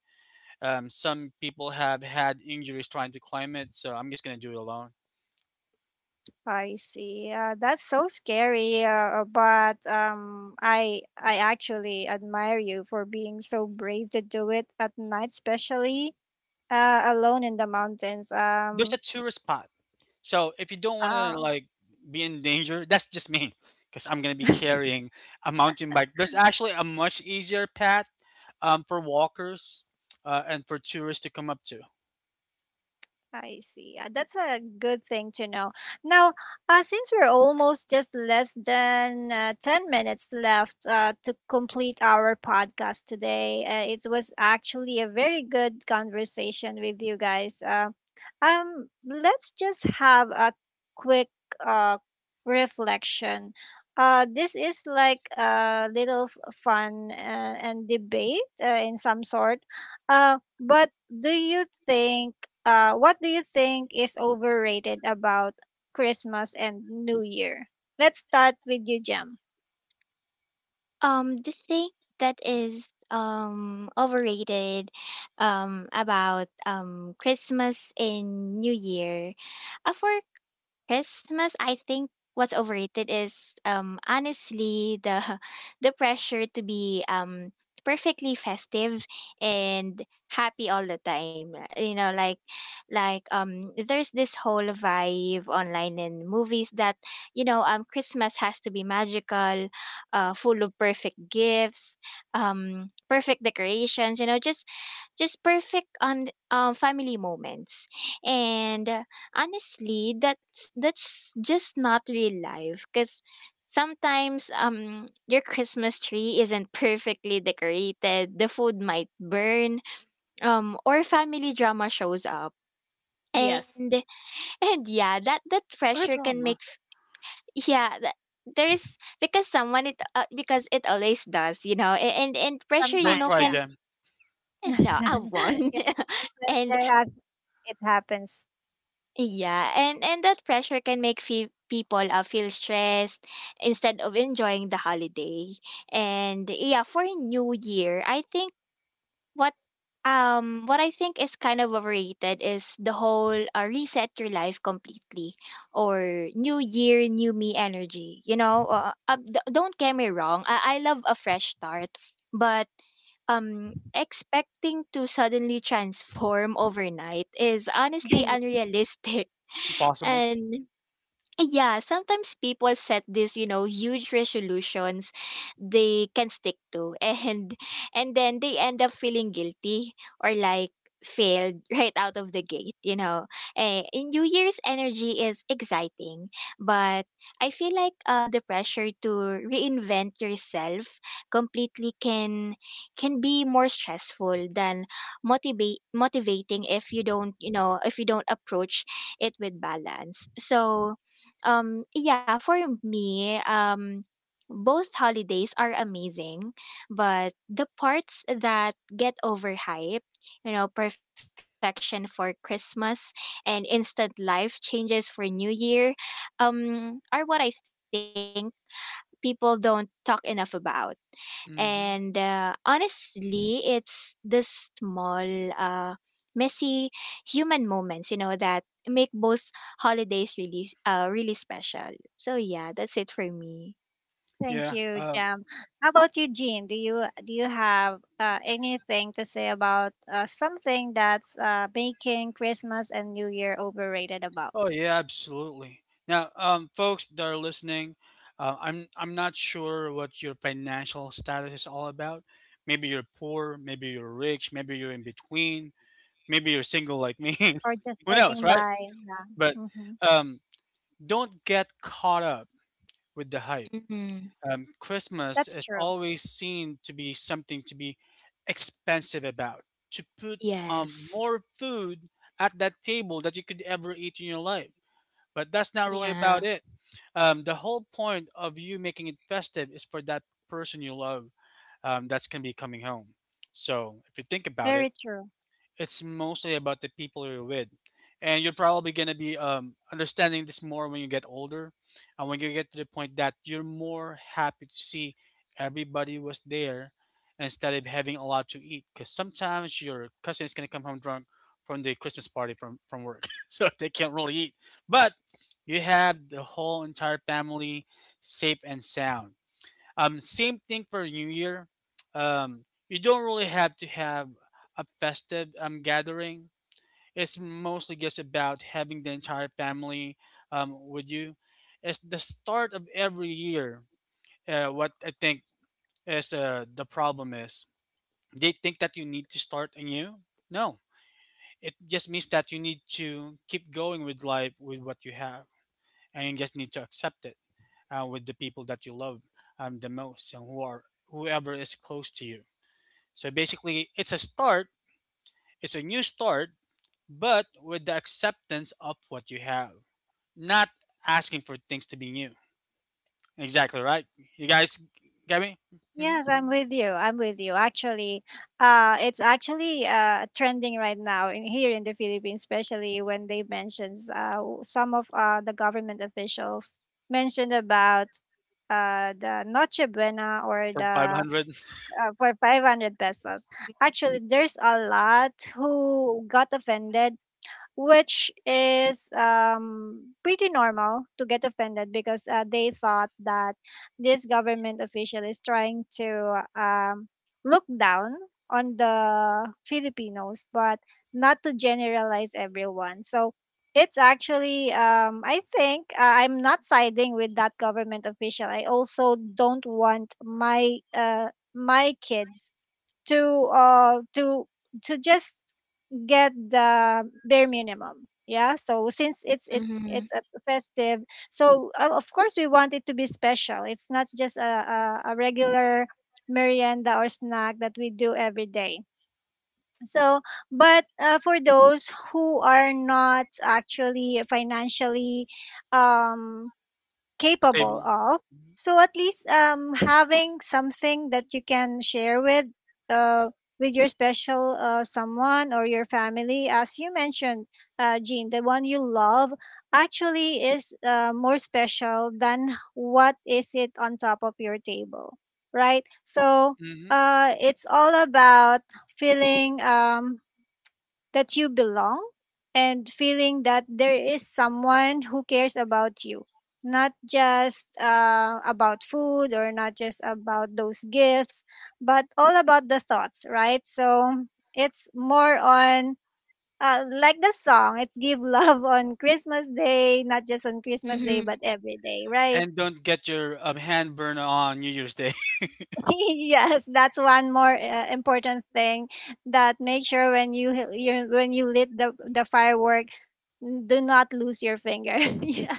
S2: Um, some people have had injuries trying to climb it, so I'm just gonna do it alone.
S1: I see. Uh, that's so scary, uh, but um, I I actually admire you for being so brave to do it at night, especially uh, alone in the mountains.
S2: There's a
S1: Um,
S2: tourist spot. So if you don't want to
S1: uh,
S2: like be in danger, that's just me because I'm gonna be carrying a mountain bike. There's actually a much easier path um, for walkers, uh, and for tourists to come up to.
S1: I see. Uh, That's a good thing to know. Now, uh, since we're almost just less than uh, ten minutes left uh, to complete our podcast today, uh, it was actually a very good conversation with you guys. Uh, um, let's just have a quick uh, reflection. Uh, this is like a little f- fun uh, and debate uh, in some sort, uh, but do you think uh what do you think is overrated about Christmas and New Year? Let's start with you, Jem.
S3: Um, the thing that is um overrated um about um Christmas and New Year. Uh, for Christmas, I think what's overrated is um honestly, the [laughs] the pressure to be um perfectly festive and happy all the time. You know, like, like um there's this whole vibe online and movies that, you know, um Christmas has to be magical, uh full of perfect gifts, um perfect decorations, you know, just just perfect on um family moments. And honestly, that's that's just not real life because sometimes um your Christmas tree isn't perfectly decorated, the food might burn, um or family drama shows up,
S1: Yes,
S3: and and yeah, that that
S2: No
S3: pressure can
S2: drama.
S3: make, yeah, that, there's, because someone, it uh, because it always does, you know, a- and and pressure, you
S2: Don't
S3: know,
S1: sometimes,
S2: cry,
S1: yeah.
S3: can,
S2: Jam.
S1: [laughs]
S3: no I won,
S1: Yeah,
S3: [laughs]
S1: sometimes
S3: and,
S1: there has it happens.
S3: yeah, and and that pressure can make fe- people uh, feel stressed instead of enjoying the holiday. And yeah, for New Year, I think what um what I think is kind of overrated is the whole uh, reset your life completely or new year, new me energy, you know. Uh, uh, d- don't get me wrong, I-, I love a fresh start, but um expecting to suddenly transform [laughs] overnight is honestly
S1: [laughs]
S3: unrealistic,
S2: It's
S3: [laughs]
S2: impossible.
S3: and yeah, sometimes people set these, you know, huge resolutions they can stick to, [laughs] and and then they end up feeling guilty or like failed [laughs] right out of the gate, you know. Eh, in New Year's energy is exciting, but I feel like uh the pressure to reinvent yourself completely can can be more stressful than motivate motivating if you don't, you know, if you don't approach it with balance. So, um, yeah, for me, um, both holidays are amazing, but the parts that get overhyped, you know, perfection for Christmas and instant life changes for New Year, um, are what I think people don't talk enough about. And uh,
S2: Hmm.
S3: honestly, it's the small, uh, messy human moments, you know, that make both holidays really, uh, really special. So yeah, that's it for me.
S1: Thank
S2: Yeah.
S1: you,
S2: Uh,
S1: Jam. How about you, Jean? Do you do you have uh, anything to say about uh, something that's uh, making Christmas and New Year overrated about,
S2: oh yeah, absolutely. Now, um, folks that are listening, uh, I'm I'm not sure what your financial status is all about. Maybe you're poor, maybe you're rich, maybe you're in between. Maybe you're single like me. [laughs]
S1: or just
S2: Who knows,
S1: getting
S2: right?
S1: by? Yeah.
S2: But
S1: Hmm.
S2: um, don't get caught up with the hype.
S3: Mm-hmm.
S2: Um, Christmas
S1: That's
S2: is
S1: true.
S2: always seen to be something to be expensive about, to put um,
S3: Yes.
S2: more food at that table that you could ever eat in your life. But that's not really
S3: Yeah.
S2: about it. Um, the whole point of you making it festive is for that person you love um, that's going to be coming home. So if you think about it,
S1: Very true.
S2: it's mostly about the people you're with, and you're probably going to be um, understanding this more when you get older, and when you get to the point that you're more happy to see everybody was there instead of having a lot to eat because sometimes your cousin is going to come home drunk from the christmas party from from work [laughs] so they can't really eat but you have the whole entire family safe and sound. Um, same thing for New Year. Um, you don't really have to have a festive um, gathering. It's mostly just about having the entire family um, with you. It's the start of every year. Uh, what I think is uh, the problem is they think that you need to start anew. No, it just means that you need to keep going with life with what you have, and you just need to accept it uh, with the people that you love um, the most and who are whoever is close to you. So basically, it's a start, it's a new start, but with the acceptance of what you have, not asking for things to be new. Exactly right. You guys get me? Mm-hmm.
S1: Yes,
S2: Mm-hmm.
S1: I'm with you. I'm with you. Actually, uh, it's actually uh, trending right now in here in the Philippines, especially when they mentions uh, w- some of uh, the government officials mentioned about uh, the Noche Buena, or
S2: For
S1: the
S2: five hundred,
S1: uh, for five hundred pesos. Actually, there's a lot who got offended, which is um, pretty normal to get offended, because uh, they thought that this government official is trying to um, look down on the Filipinos, but not to generalize everyone. So it's actually, um, I think uh, I'm not siding with that government official. I also don't want my uh, my kids to uh, to to just get the bare minimum. Yeah, so since it's it's
S3: Mm-hmm.
S1: it's a festive, so uh, of course we want it to be special. It's not just a, a, a regular merienda or snack that we do every day. So but uh, for those who are not actually financially um
S2: [laughs]
S1: capable
S2: stable.
S1: of. So at least um, having something that you can share with uh, with your special uh, someone or your family, as you mentioned, uh, Jean, the one you love actually is uh, more special than what is it on top of your table, right? So
S2: Hmm.
S1: uh, it's all about feeling um, that you belong and feeling that there is someone who cares about you, not just uh, about food or not just about those gifts, but all about the thoughts, right? So it's more on uh, like the song, it's give love [laughs] on Christmas day, not just on Christmas day but
S3: Mm-hmm.
S1: every day, right?
S2: And don't get your um, hand burned on New Year's Day. [laughs]
S1: [laughs] Yes, that's one more uh, important thing, that make sure when you, you when you lit the the firework, do not lose your finger. [laughs] Yeah.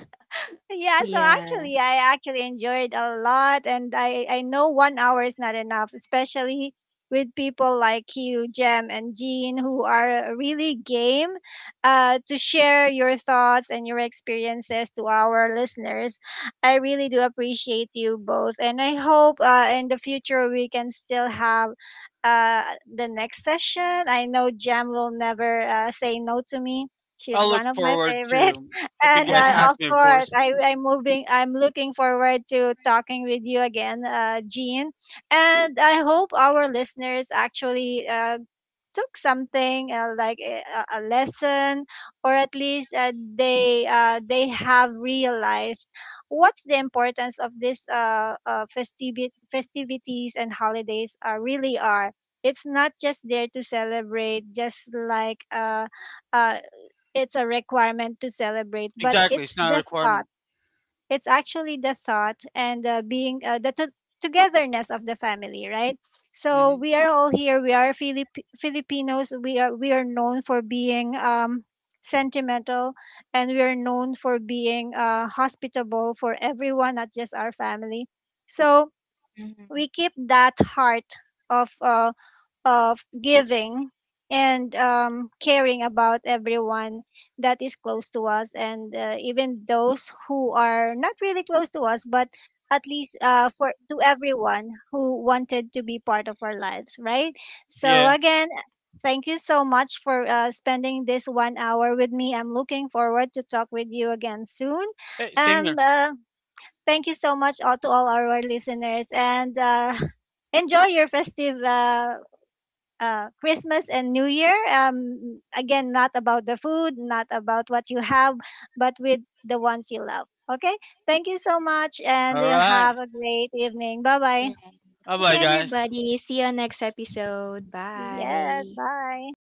S1: Yeah, so
S3: Yeah.
S1: actually, I actually enjoyed a lot, and I I know one hour is not enough, especially with people like you, Jem and Jean, who are really game uh, to share your thoughts and your experiences to our listeners. I really do appreciate you both, and I hope uh, in the future we can still have uh, the next session. I know Jem will never uh, say no to me. She's
S2: I'll look
S1: one of my
S2: forward
S1: favorite.
S2: to, if you
S1: And
S2: guys
S1: uh,
S3: [laughs]
S2: ask
S1: of
S2: me, of
S1: course,
S2: course.
S1: I, I'm moving. I'm looking forward to talking with you again, uh, Jean. And I hope our listeners actually uh, took something uh, like a, a a lesson, or at least uh, they uh, they have realized what's the importance of this uh, uh, festivi- festivities and holidays are really are. It's not just there to celebrate, just like uh, uh, it's a requirement to celebrate, but
S2: Exactly, it's
S1: it's
S2: not a
S1: the thought.
S2: requirement.
S1: It's actually the thought and uh, being uh, the to- togetherness of the family, right? So
S2: Hmm.
S1: we are all here. We are Filip- Filipinos. We are we are known for being um, sentimental, and we are known for being uh, hospitable for everyone, not just our family. So
S3: Mm-hmm.
S1: we keep that heart of uh, of giving and um, caring about everyone that is close to us and uh, even those who are not really close to us, but at least uh, for to everyone who wanted to be part of our lives, right? So
S2: Yeah.
S1: again, thank you so much for uh, spending this one hour with me. I'm looking forward to talk with you again soon.
S2: Hey, same
S1: um,
S2: here.
S1: uh, thank you so much all, to all our listeners, and uh, [laughs] enjoy your festive uh, uh, Christmas and New Year. Um, again, not about the food, not about what you have, but with the ones you love. Okay. Thank you so much, and
S2: All
S1: you
S2: right.
S1: have a great evening. Bye bye.
S3: Right.
S2: Bye
S3: Thank you,
S2: bye, guys.
S3: everybody. See you on next episode.
S1: Yes.
S3: Bye.
S1: Bye.